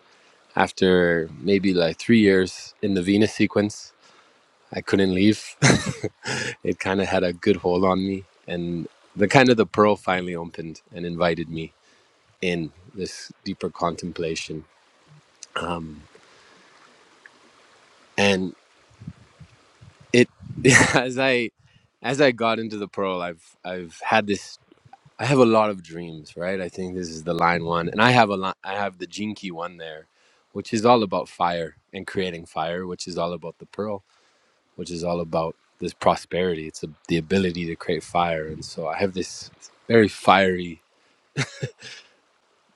Speaker 3: after maybe like three years in the venus sequence I couldn't leave. it kind of had a good hold on me, and the kind of the pearl finally opened and invited me in this deeper contemplation. Um, and it, as I, as I got into the pearl, I've I've had this. I have a lot of dreams, right? I think this is the line one, and I have a lot. I have the jinky one there, which is all about fire and creating fire, which is all about the pearl which is all about this prosperity. It's a, the ability to create fire, and so I have this very fiery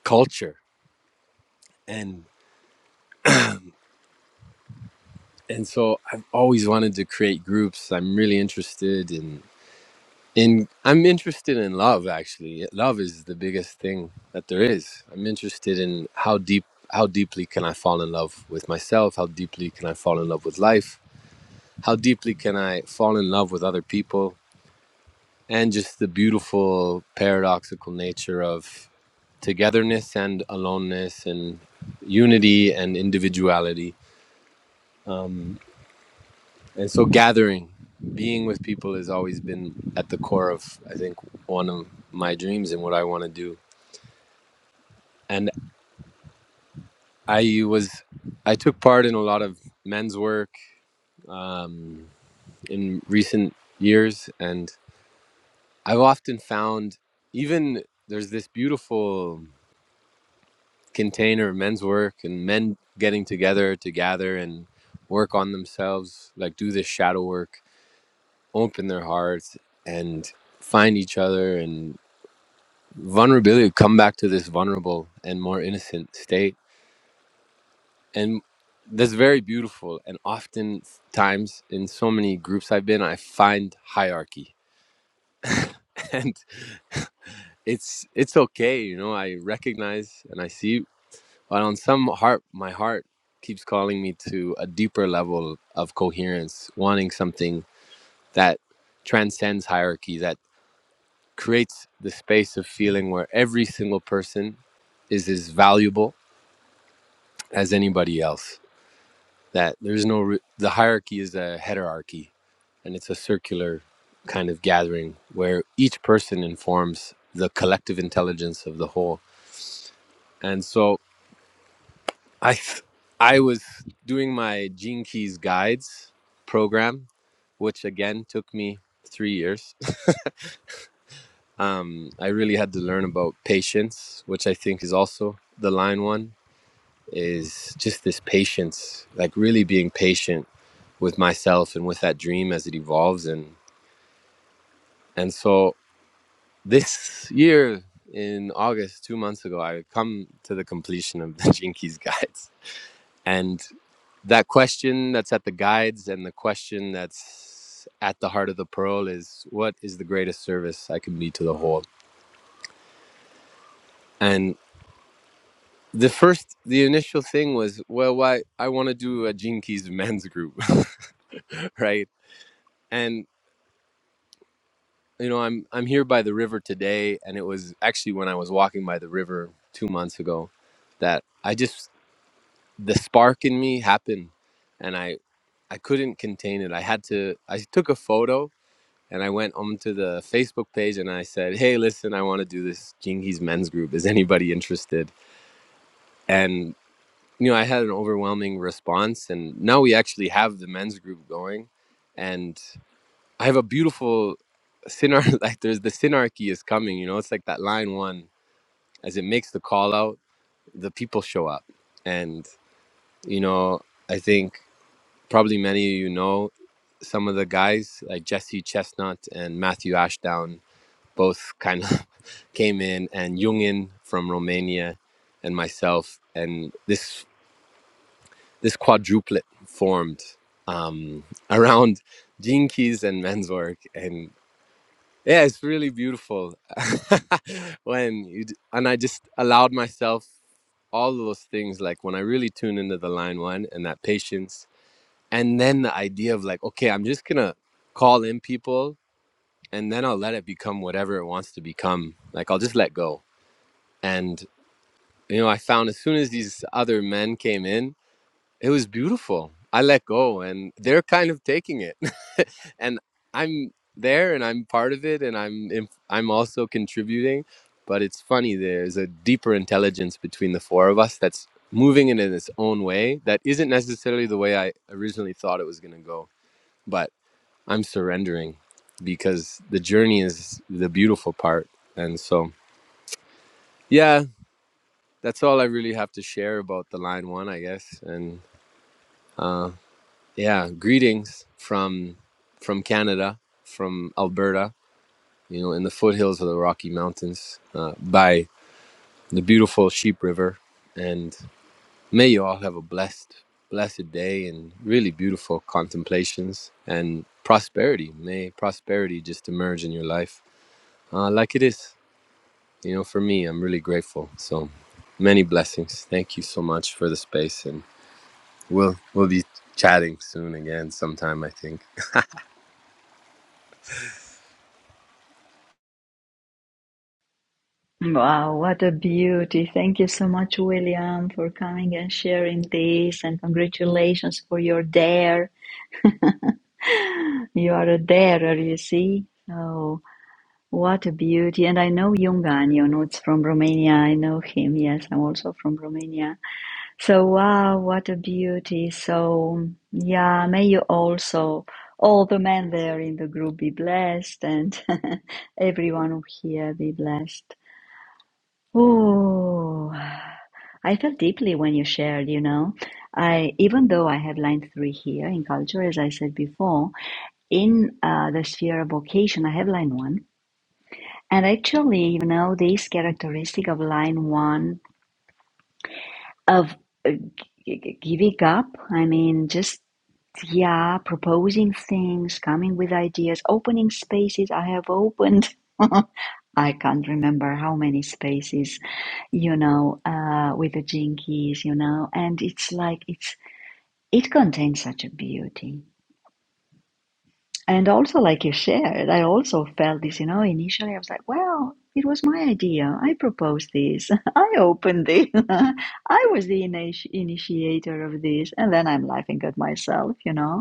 Speaker 3: culture, and and so I've always wanted to create groups. I'm really interested in in I'm interested in love. Actually, love is the biggest thing that there is. I'm interested in how deep how deeply can I fall in love with myself? How deeply can I fall in love with life? How deeply can I fall in love with other people? And just the beautiful paradoxical nature of togetherness and aloneness and unity and individuality. Um, and so gathering, being with people has always been at the core of, I think, one of my dreams and what I want to do. And I was, I took part in a lot of men's work um, in recent years. And I've often found even there's this beautiful container men's work and men getting together to gather and work on themselves like do this shadow work open their hearts and find each other and vulnerability come back to this vulnerable and more innocent state and that's very beautiful and oftentimes, in so many groups i've been i find hierarchy and it's it's okay you know i recognize and i see But on some heart, my heart keeps calling me to a deeper level of coherence, wanting something that transcends hierarchy, that creates the space of feeling where every single person is as valuable as anybody else. That there's no, re- the hierarchy is a heterarchy and it's a circular kind of gathering where each person informs the collective intelligence of the whole. And so I th- I was doing my Gene Keys guides program, which again took me three years. I really had to learn about patience, which I think is also the line one is just this patience, like really being patient with myself and with that dream as it evolves and and so this year in August, two months ago, I come to the completion of the Gene Keys guides. And that question that's at the guides and the question that's at the heart of the pearl is what is the greatest service I can be to the whole? And the first, the initial thing was, well, why I want to do a Gene Keys men's group, right? And you know, I'm I'm here by the river today, and it was actually when I was walking by the river two months ago that I just the spark in me happened, and I I couldn't contain it. I had to. I took a photo and I went onto the Facebook page and I said, "Hey, listen, I want to do this Jingies men's group. Is anybody interested?" And you know, I had an overwhelming response, and now we actually have the men's group going, and I have a beautiful synar. Like, there's the synarchy is coming. You know, it's like that line one as it makes the call out, the people show up, and you know, I think probably many of you know some of the guys like Jesse Chestnut and Matthew Ashdown both kind of came in, and Jungin from Romania, and myself, and this this quadruplet formed um, around Gene Keys and men's work, and yeah, it's really beautiful when you d- and I just allowed myself all those things, like when I really tune into the line one and that patience, and then the idea of like, okay, I'm just gonna call in people, and then I'll let it become whatever it wants to become. Like I'll just let go. and. you know, I found as soon as these other men came in, it was beautiful. I let go and they're kind of taking it. and I'm there and I'm part of it and I'm in, I'm also contributing, but it's funny there's a deeper intelligence between the four of us that's moving it in its own way that isn't necessarily the way I originally thought it was going to go, but I'm surrendering because the journey is the beautiful part. And so yeah, that's all I really have to share about the line one, I guess. And uh, yeah, greetings from from Canada, from Alberta, you know, in the foothills of the Rocky Mountains, uh, by the beautiful Sheep River. And may you all have a blessed, blessed day and really beautiful contemplations and prosperity. May prosperity just emerge in your life, uh, like it is. You know, for me, I'm really grateful. So many blessings. Thank you so much for the space and We'll we'll be chatting soon again sometime I think.
Speaker 2: Wow, what a beauty. Thank you so much, William, for coming and sharing this and congratulations for your dare. You are a darer, you see. Oh, what a beauty. And I know Iunga Ionuț from Romania. I know him. Yes, I'm also from Romania. So wow, what a beauty. So yeah, may you also all the men there in the group be blessed and everyone here be blessed. Oh, I felt deeply when you shared, you know. I even though I have line three here in culture, as I said before, in uh, the sphere of vocation, I have line one. And actually, you know, this characteristic of line one of uh, g- g- giving up, I mean, just Yeah, proposing things, coming with ideas, opening spaces. I have opened, I can't remember how many spaces, you know, uh, with the jinkies, you know, and it's like it's it contains such a beauty. And also, like you shared, I also felt this, you know, initially I was like, well, it was my idea. I proposed this. I opened it. I was the initi- initiator of this. And then I'm laughing at myself, you know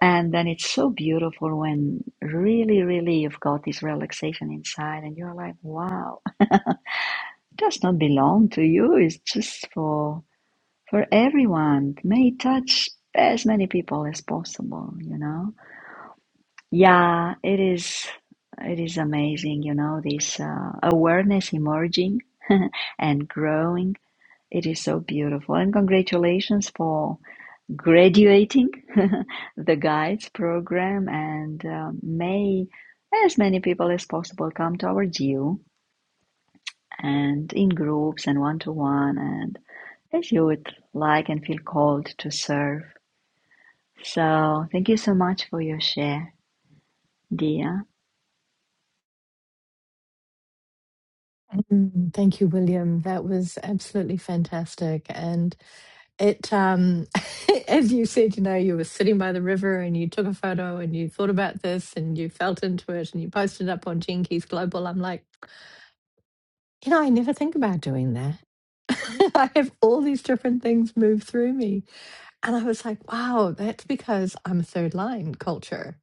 Speaker 2: and then it's so beautiful when really, really you've got this relaxation inside and you're like, wow, it does not belong to you. It's just for for everyone. May it touch as many people as possible, you know? Yeah, it is it is amazing, you know, this uh, awareness emerging and growing. It is so beautiful. And congratulations for graduating the guides program and um, may as many people as possible come to our you and in groups and one to one and as you would like and feel called to serve. So thank you so much for your share, dear.
Speaker 1: Mm, Thank you, William. That was absolutely fantastic. And it, um, as you said, you know, you were sitting by the river and you took a photo and you thought about this and you felt into it and you posted it up on Gene Global. I'm like, You know, I never think about doing that. I have all these different things move through me. And I was like, wow, that's because I'm a third line culture.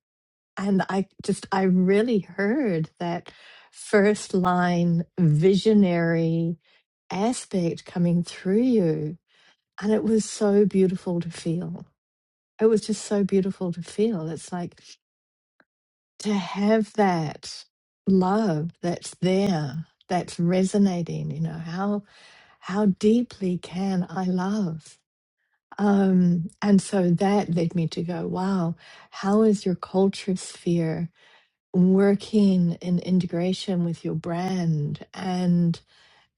Speaker 1: And I just, I really heard that first line visionary aspect coming through you. And it was so beautiful to feel. It was just so beautiful to feel. It's like to have that love that's there, that's resonating, you know, how how deeply can I love? Um, and so that led me to go, wow, how is your culture sphere working in integration with your brand and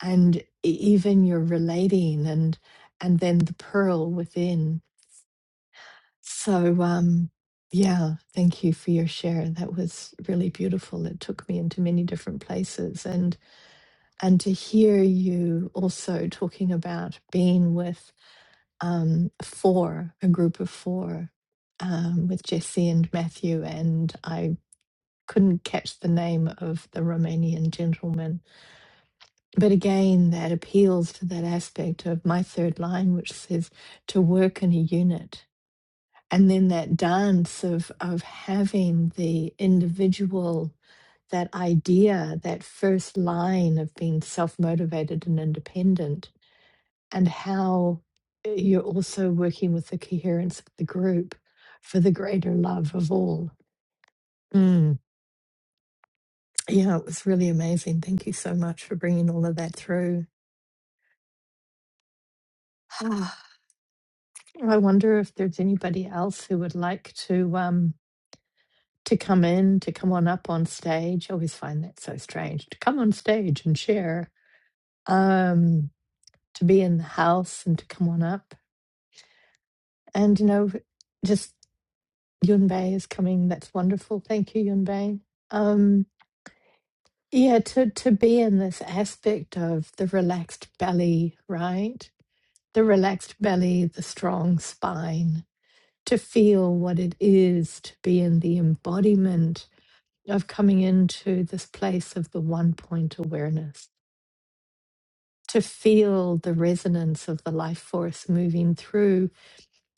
Speaker 1: and e- even your relating and and then the pearl within. So um yeah, thank you for your share. That was really beautiful. It took me into many different places and and to hear you also talking about being with um, four, a group of four, um, with Jesse and Matthew, and I couldn't catch the name of the Romanian gentleman. But again, that appeals to that aspect of my third line, which says to work in a unit. And then that dance of, of having the individual, that idea, that first line of being self motivated and independent, and how you're also working with the coherence of the group for the greater love of all. Mm. Yeah, it was really amazing. Thank you so much for bringing all of that through. Ah, I wonder if there's anybody else who would like to um to come in, to come on up on stage. I always find that so strange to come on stage and share, um, to be in the house and to come on up. And you know, just Yunbei is coming. That's wonderful. Thank you, Yunbei. Um, Yeah, to to be in this aspect of the relaxed belly, right? The relaxed belly, the strong spine, to feel what it is to be in the embodiment of coming into this place of the one point awareness, to feel the resonance of the life force moving through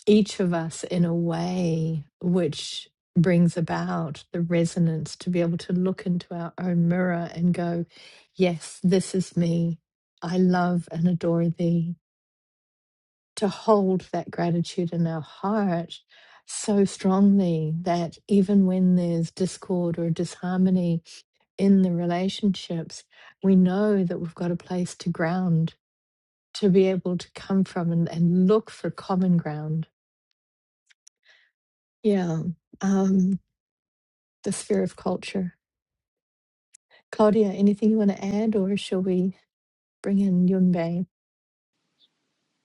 Speaker 1: each of us in a way which brings about the resonance to be able to look into our own mirror and go, Yes, this is me. I love and adore thee. To hold that gratitude in our heart so strongly that even when there's discord or disharmony in the relationships, we know that we've got a place to ground, to be able to come from and, and look for common ground. Yeah. Um, the sphere of culture. Claudia, anything you want to add, or shall we bring in Yunbei?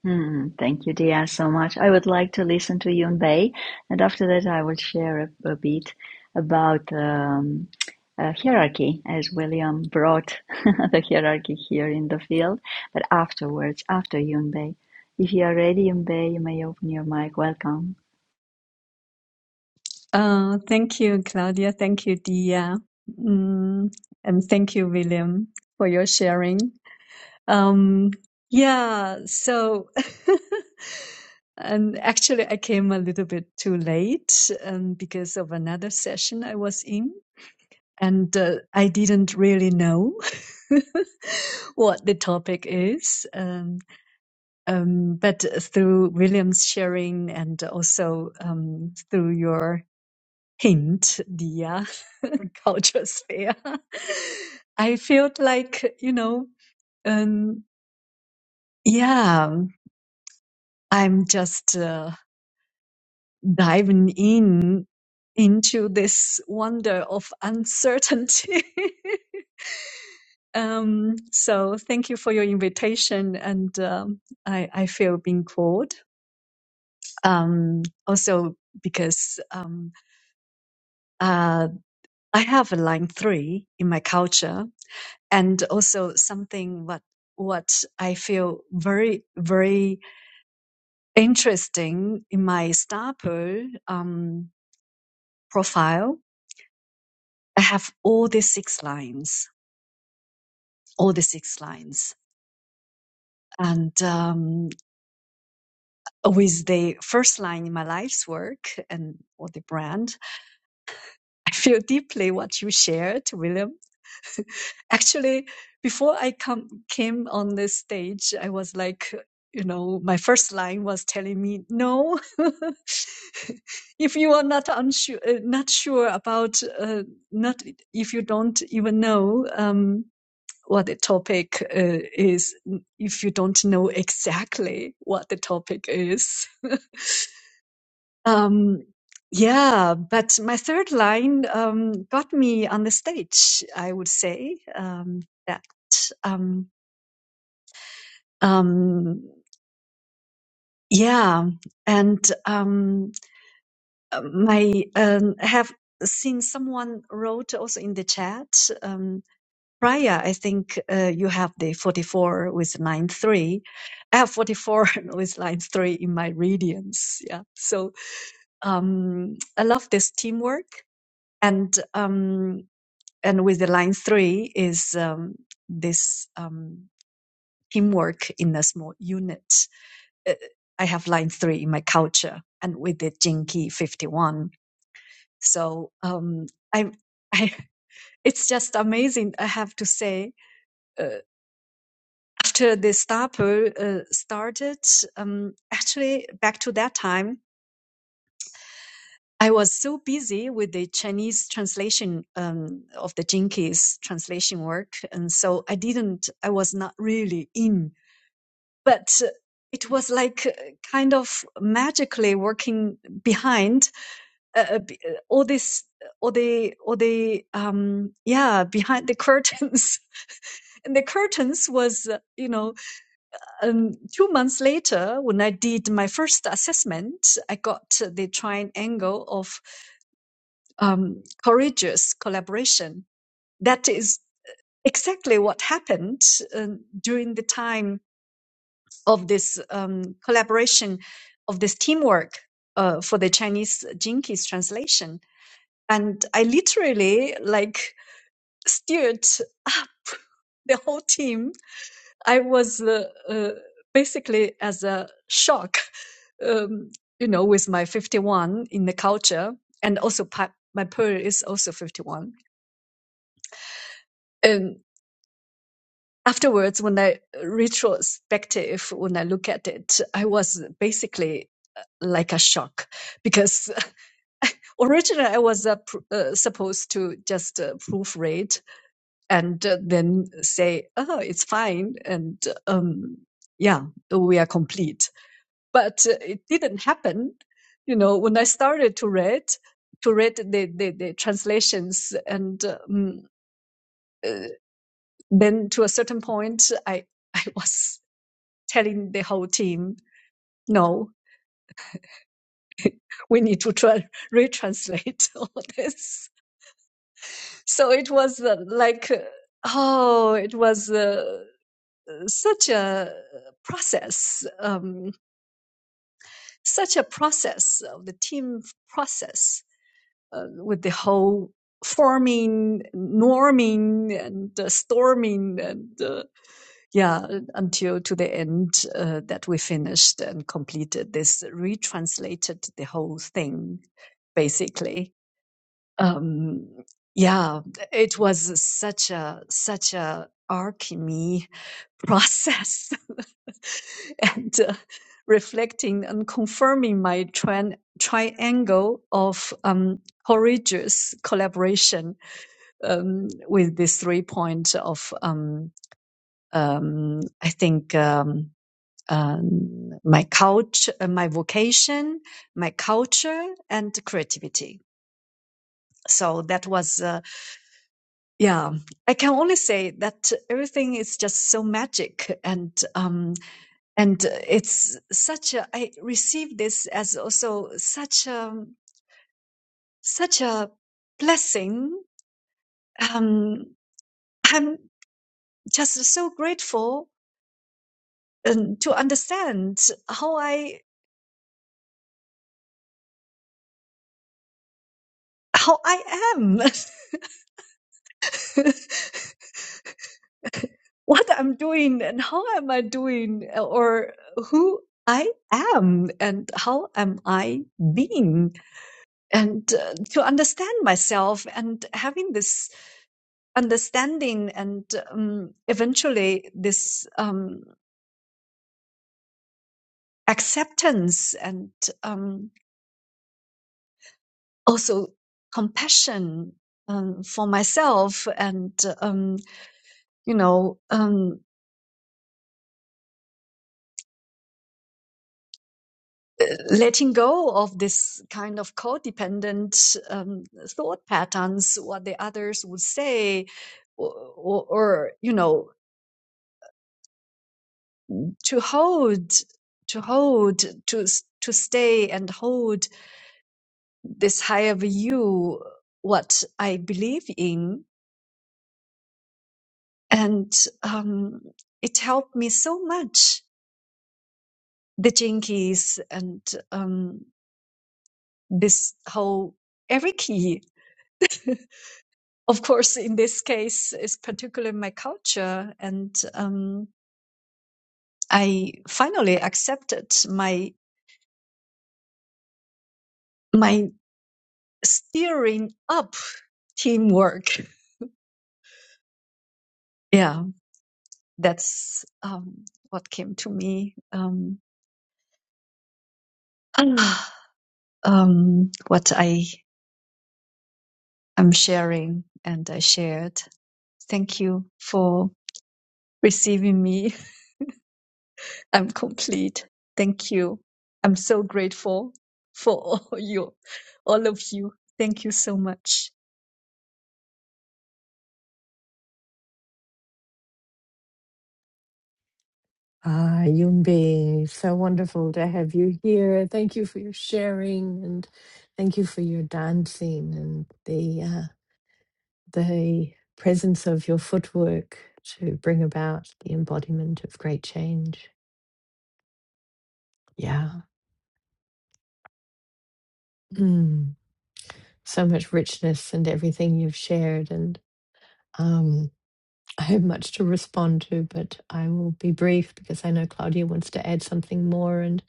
Speaker 2: Hmm, thank you, Dia, so much. I would like to listen to Yun Bei, and after that, I will share a, a bit about um, uh, hierarchy, as William brought the hierarchy here in the field. But afterwards, after Yun Bei, if you are ready, Yun Bei, you may open your mic. Welcome.
Speaker 4: Uh, thank you, Claudia. Thank you, Dia. Mm, and thank you, William, for your sharing. Um, yeah, so, and actually, I came a little bit too late um, because of another session I was in, and uh, I didn't really know what the topic is. Um, um, but through William's sharing and also um, through your hint the uh, culture sphere. I feel like, you know, um, yeah, I'm just uh, diving in into this wonder of uncertainty. um, so thank you for your invitation. And um, I, I feel being called. Um, also, because um, uh, I have a line three in my culture and also something what what I feel very very interesting in my staple um, profile. I have all the six lines, all the six lines, and um, with the first line in my life's work and or the brand, I feel deeply what you shared, William. Actually, before I come came on this stage, I was like, you know, my first line was telling me, no, if you are not unsure, uh, not sure about, uh, not if you don't even know um, what the topic uh, is, if you don't know exactly what the topic is. Um, yeah, but my third line um, got me on the stage, I would say. Um, that, um, um, yeah, and um, uh, my um, I have seen someone wrote also in the chat. Um, prior, I think uh, you have the 44 with line three. I have 44 with line three in my radiance. Yeah, so um, I love this teamwork and. Um, and with the line three is um, this um, teamwork in a small unit. Uh, I have line three in my culture, and with the Jinki fifty one. So um, I, I, it's just amazing. I have to say, uh, after the Stapo uh, started, um, actually back to that time. I was so busy with the Chinese translation um, of the Jinkies translation work, and so I didn't. I was not really in but uh, it was like uh, kind of magically working behind uh, uh, uh, all this uh, all the all the um yeah behind the curtains and the curtains was uh, you know um, two months later when i did my first assessment i got the triangle of um, courageous collaboration that is exactly what happened um, during the time of this um, collaboration, of this teamwork uh, for the Chinese Jinkies translation. And I literally like steered up the whole team. I was uh, uh, basically as a shock, um, you know, with my 51 in the culture and also pa- my pearl is also 51. and. afterwards, when I retrospective, when I look at it, I was basically uh, like a shock because originally I was uh, pr- uh, supposed to just uh, proofread and uh, then say, "Oh, it's fine," and um, yeah, we are complete. But uh, it didn't happen. You know, when I started to read, to read the the, the translations, and um, then to a certain point, I I was telling the whole team, no, we need to try, retranslate all this. So it was uh, like, uh, oh, it was uh, such a process, um, such a process of the team process uh, with the whole forming, norming, and uh, storming, and uh, yeah, until to the end uh, that we finished and completed this, retranslated the whole thing, basically. Um, yeah, it was such a such a alchemy process, and uh, reflecting and confirming my tran- triangle of um, courageous collaboration um, with this three point of um, um, I think. Um, um, my couch, uh, my vocation, my culture, and creativity. So that was, uh, yeah, I can only say that everything is just so magic, and um, and uh, it's such a. I received this as also such a such a blessing. Um, I'm just so grateful um, to understand how I how I am. what I'm doing and how am I doing uh, or who I am and how am I being and uh, to understand myself and having this understanding and um, eventually this um, acceptance and um, also compassion um, for myself and um, you know um, letting go of this kind of codependent um, thought patterns, what the others would say, or, or, or you know, to hold, to hold, to to stay and hold this higher view, what I believe in, and um, it helped me so much. The jinkies and um, this whole Eriki. of course, in this case, is particularly my culture, and um, I finally accepted my my steering up teamwork. Yeah, that's um, what came to me. Um, um, what I am sharing and I shared. Thank you for receiving me. I'm complete. Thank you. I'm so grateful for all you, all of you. Thank you so much.
Speaker 1: Ah, Yunbei, so wonderful to have you here. Thank you for your sharing and thank you for your dancing and the uh, the presence of your footwork to bring about the embodiment of great change. Yeah. Mm. So much richness and everything you've shared and um, I have much to respond to, but I will be brief because I know Claudia wants to add something more, and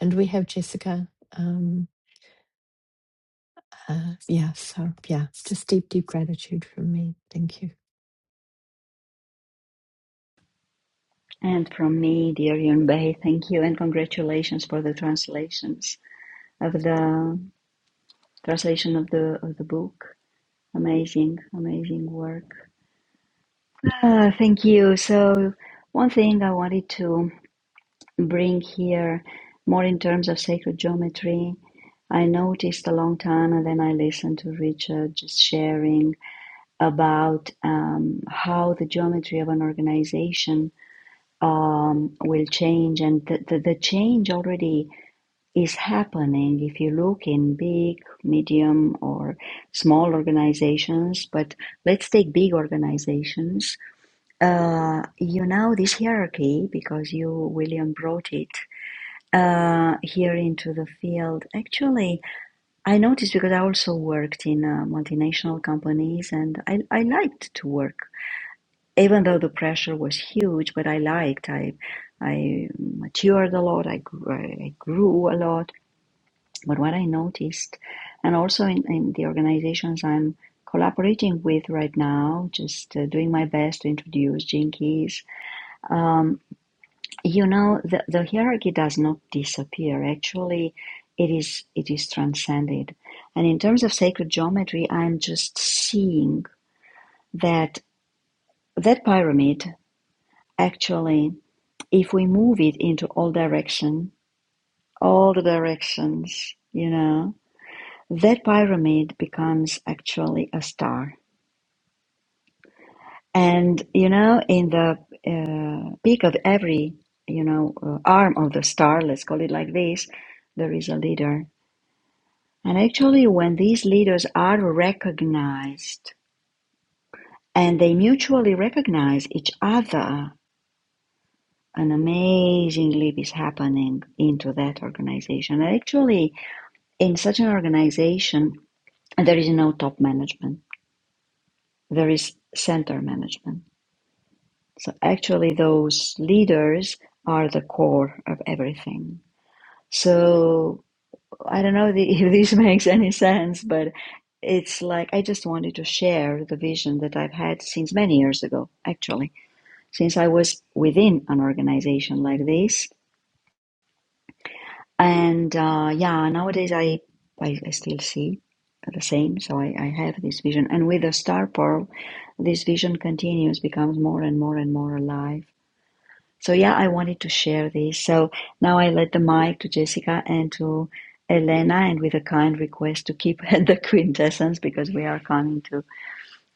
Speaker 1: and we have Jessica. Um, uh, yeah, so yeah, it's just deep, deep gratitude from me. Thank you.
Speaker 2: And from me, dear Yun Bei, thank you and congratulations for the translations of the translation of the of the book. Amazing, amazing work. Uh, thank you. So, one thing I wanted to bring here, more in terms of sacred geometry, I noticed a long time, and then I listened to Richard just sharing about um, how the geometry of an organization um, will change, and the, the, the change already is happening if you look in big, medium, or small organizations. But let's take big organizations uh, you know this hierarchy because you, William, brought it uh, here into the field. Actually, I noticed because I also worked in uh, multinational companies and I, I liked to work, even though the pressure was huge, but I liked. I, I matured a lot, I, gr- I grew a lot. But what I noticed, and also in, in the organizations I'm collaborating with right now, just uh, doing my best to introduce Jinkies um, You know, the, the hierarchy does not disappear. Actually, it is it is transcended. And in terms of sacred geometry, I'm just seeing that that pyramid actually, if we move it into all direction, all the directions, you know, that pyramid becomes actually a star. And you know, in the uh, peak of every you know uh, arm of the star, let's call it like this, there is a leader And actually when these leaders are recognized and they mutually recognize each other, an amazing leap is happening into that organization. And actually in such an organization there is no top management. There is center management. So actually those leaders are the core of everything. So I don't know if this makes any sense, but it's like I just wanted to share the vision that I've had since many years ago, actually, since I was within an organization like this. And uh, yeah, nowadays I, I, I still see the same, so I, I have this vision. And with the star pearl, this vision continues, becomes more and more and more alive so yeah, I wanted to share this. So now I let the mic to Jessica and to Elena, and with a kind request to keep the quintessence because we are coming to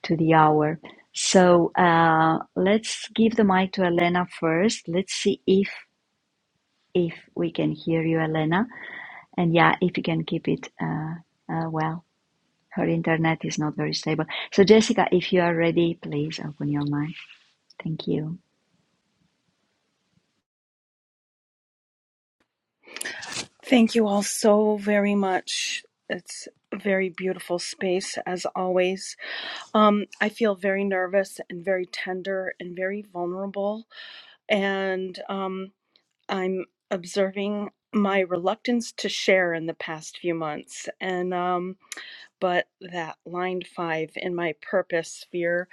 Speaker 2: to the hour. So uh, let's give the mic to Elena first. Let's see if if we can hear you, Elena, and yeah, if you can keep it uh, uh, well. Her internet is not very stable. So Jessica, if you are ready, please open your mic. Thank you.
Speaker 5: Thank you all so very much. It's a very beautiful space as always. Um, I feel very nervous and very tender and very vulnerable. And um, I'm observing my reluctance to share in the past few months. And um, but that line five in my purpose sphere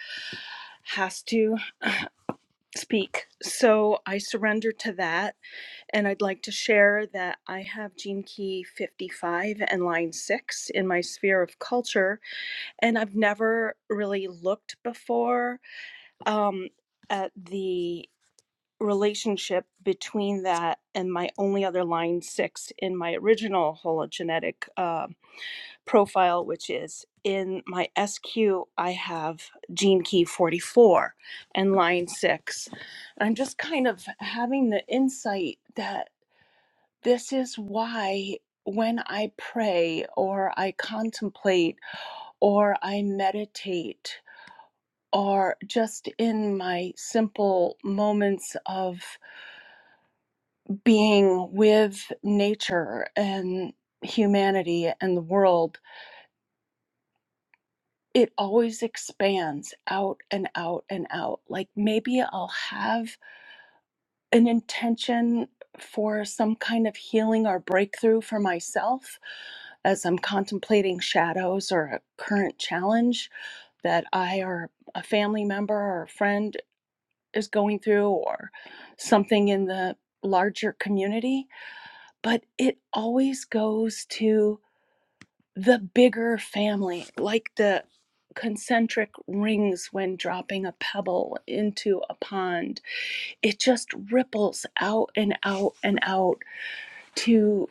Speaker 5: has to speak. So I surrender to that And I'd like to share that I have Gene Key 55 and line 6 in my sphere of culture, and I've never really looked before um, at the relationship between that and my only other line 6 in my original hologenetic uh, profile, which is in my SQ, I have Gene Key 44 and line 6. I'm just kind of having the insight that. This is why when I pray or I contemplate or I meditate or just in my simple moments of being with nature and humanity and the world, it always expands out and out and out. Like maybe I'll have an intention for some kind of healing or breakthrough for myself as I'm contemplating shadows or a current challenge that I or a family member or a friend is going through or something in the larger community. But it always goes to the bigger family, like the concentric rings when dropping a pebble into a pond. It just ripples out and out and out to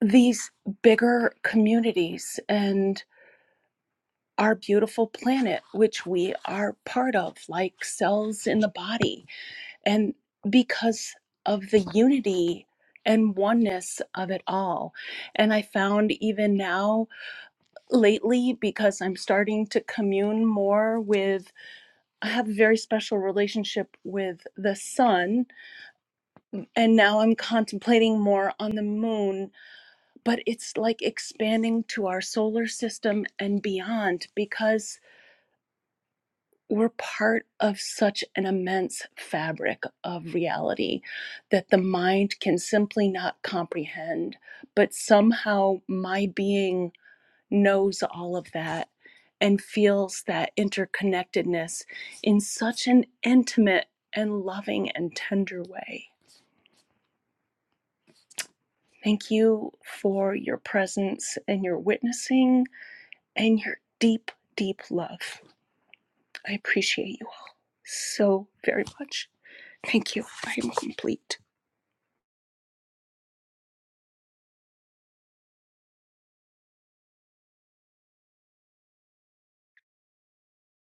Speaker 5: these bigger communities and our beautiful planet, which we are part of, like cells in the body. And because of the unity and oneness of it all. And I found even now, lately, because I'm starting to commune more with, I have a very special relationship with the sun, and now I'm contemplating more on the moon but it's like expanding to our solar system and beyond because we're part of such an immense fabric of reality that the mind can simply not comprehend. But somehow my being knows all of that and feels that interconnectedness in such an intimate and loving and tender way. Thank you for your presence and your witnessing and your deep, deep love. I appreciate you so very much. Thank you. I am complete.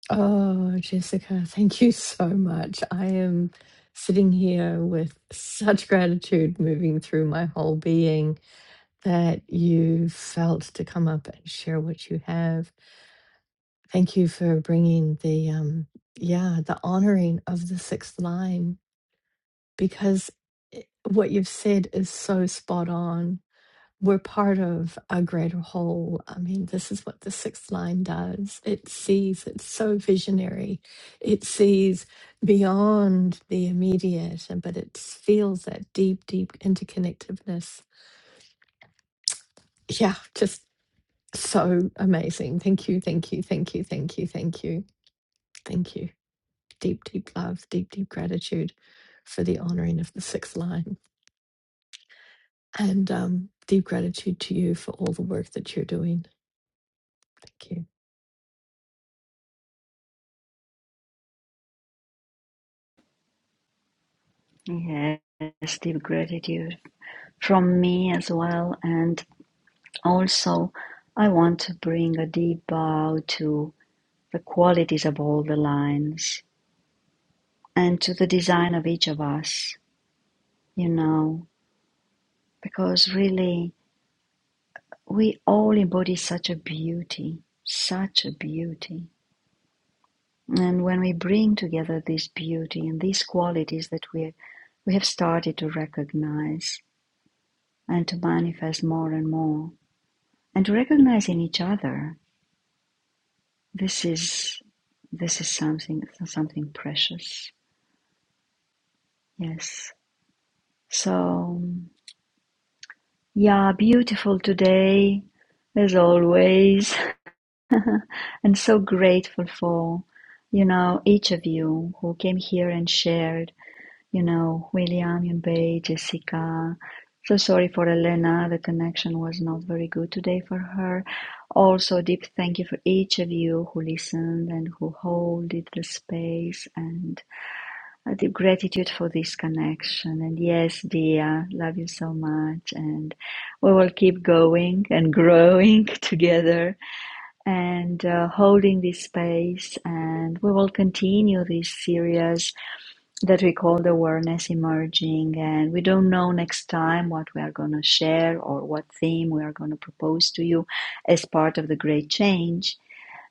Speaker 1: Oh, Jessica, thank you so much. I am sitting here with such gratitude moving through my whole being that you felt to come up and share what you have. Thank you for bringing the um, yeah, the honoring of the sixth line because i- what you've said is so spot on. We're part of a greater whole. I mean, this is what the sixth line does. It sees, it's so visionary. It sees beyond the immediate, and- but it feels that deep, deep interconnectedness. Yeah, just so amazing. Thank you, thank you, thank you, thank you, thank you, thank you. Deep, deep love, deep, deep gratitude for the honoring of the sixth line. and um, deep gratitude to you for all the work that you're doing. Thank you.
Speaker 2: Yes, deep gratitude. from me as well. And also, I want to bring a deep bow to the qualities of all the lines and to the design of each of us, you know, because really we all embody such a beauty, such a beauty. And when we bring together this beauty and these qualities that we we have started to recognize and to manifest more and more, and to recognize in each other this is this is something something precious. Yes. So yeah, beautiful today as always, and so grateful for you know each of you who came here and shared. You know, William, Yunbei, Jessica. So sorry for Elena, the connection was not very good today for her. Also, deep thank you for each of you who listened and who held the space and a deep gratitude for this connection. And yes, dear, love you so much. And we will keep going and growing together and uh, holding this space. And we will continue this series that we call the Awareness Emerging. And we don't know next time what we are going to share or what theme we are going to propose to you as part of the Great Change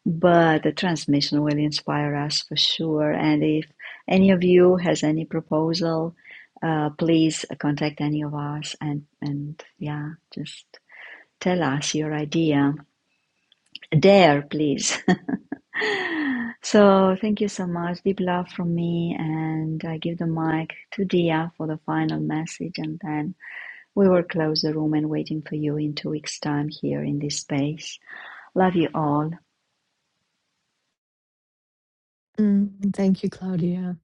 Speaker 2: but the transmission will inspire us for sure. And if any of you has any proposal, uh, please contact any of us and and yeah, just tell us your idea. Dare, please. so thank you so much. Deep love from me, and I give the mic to Dia for the final message, and then we will close the room and waiting for you in two weeks' time here in this space. Love you all.
Speaker 1: Mm, thank you, Claudia.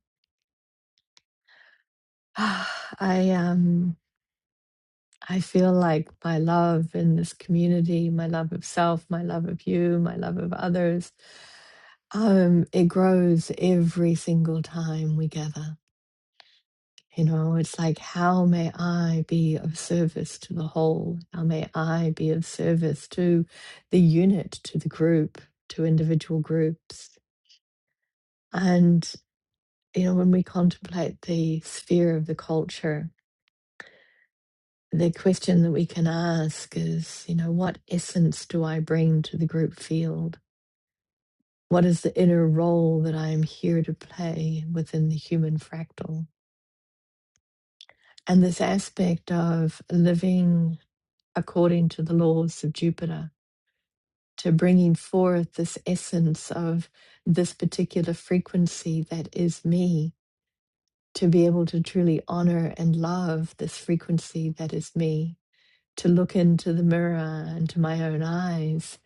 Speaker 1: I um, I feel like my love in this community, my love of self, my love of you, my love of others, um, it grows every single time we gather. You know, it's like, how may I be of service to the whole? How may I be of service to the unit, to the group, to individual groups? and you know, when we contemplate the sphere of the culture, the question that we can ask is, you know, what essence do I bring to the group field? What is the inner role that I am here to play within the human fractal? And this aspect of living according to the laws of Jupiter, to bringing forth this essence of this particular frequency that is me, to be able to truly honor and love this frequency that is me to look into the mirror and to my own eyes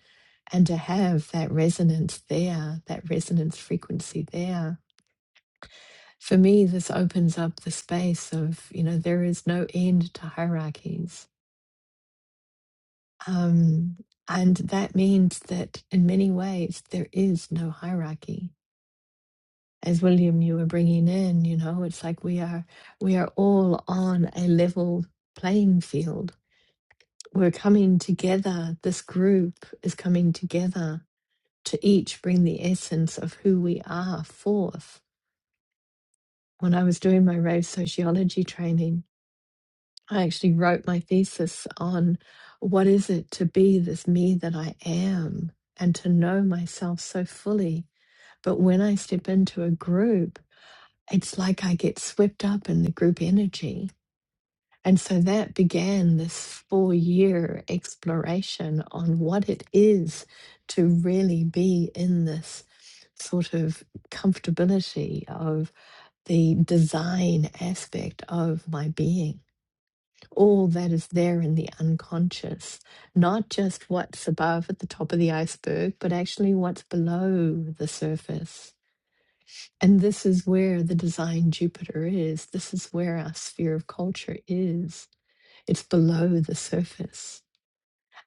Speaker 1: and to have that resonance there, that resonance frequency there. For me, this opens up the space of, you know, there is no end to hierarchies. Um, and that means that in many ways, there is no hierarchy. As William, you were bringing in, you know, it's like we are, we are all on a level playing field. We're coming together. This group is coming together to each bring the essence of who we are forth. When I was doing my rave sociology training, I actually wrote my thesis on what is it to be this me that I am and to know myself so fully. But when I step into a group, it's like I get swept up in the group energy And so that began this four year exploration on what it is to really be in this sort of comfortability of the design aspect of my being. All that is there in the unconscious, not just what's above at the top of the iceberg, but actually what's below the surface. And this is where the design Jupiter is. This is where our sphere of culture is it's below the surface.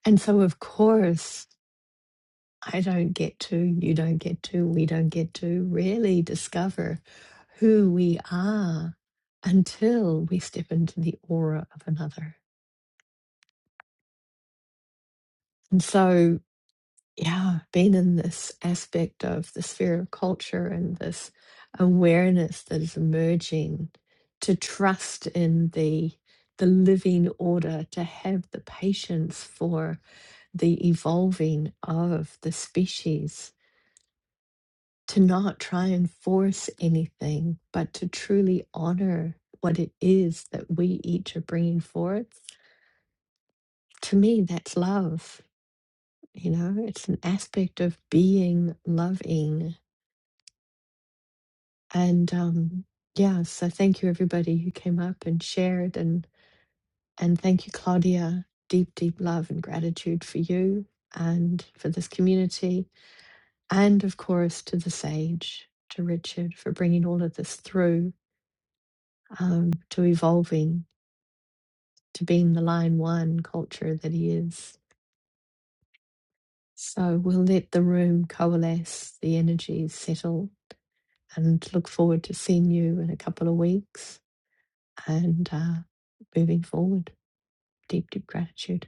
Speaker 1: And so, of course, I don't get to, you don't get to, we don't get to really discover who we are until we step into the aura of another. And so, yeah, being in this aspect of the sphere of culture and this awareness that is emerging to trust in the the living order to have the patience for the evolving of the species to not try and force anything, but to truly honor what it is that we each are bringing forth. To me, that's love. You know, it's an aspect of being loving. And um, yeah, so thank you, everybody who came up and shared. And, and thank you, Claudia. Deep, deep love and gratitude for you and for this community and of course to the sage, to Richard for bringing all of this through, um, to evolving, to being the line one culture that he is. So we'll let the room coalesce, the energies settle, and look forward to seeing you in a couple of weeks and uh, moving forward. Deep, deep gratitude.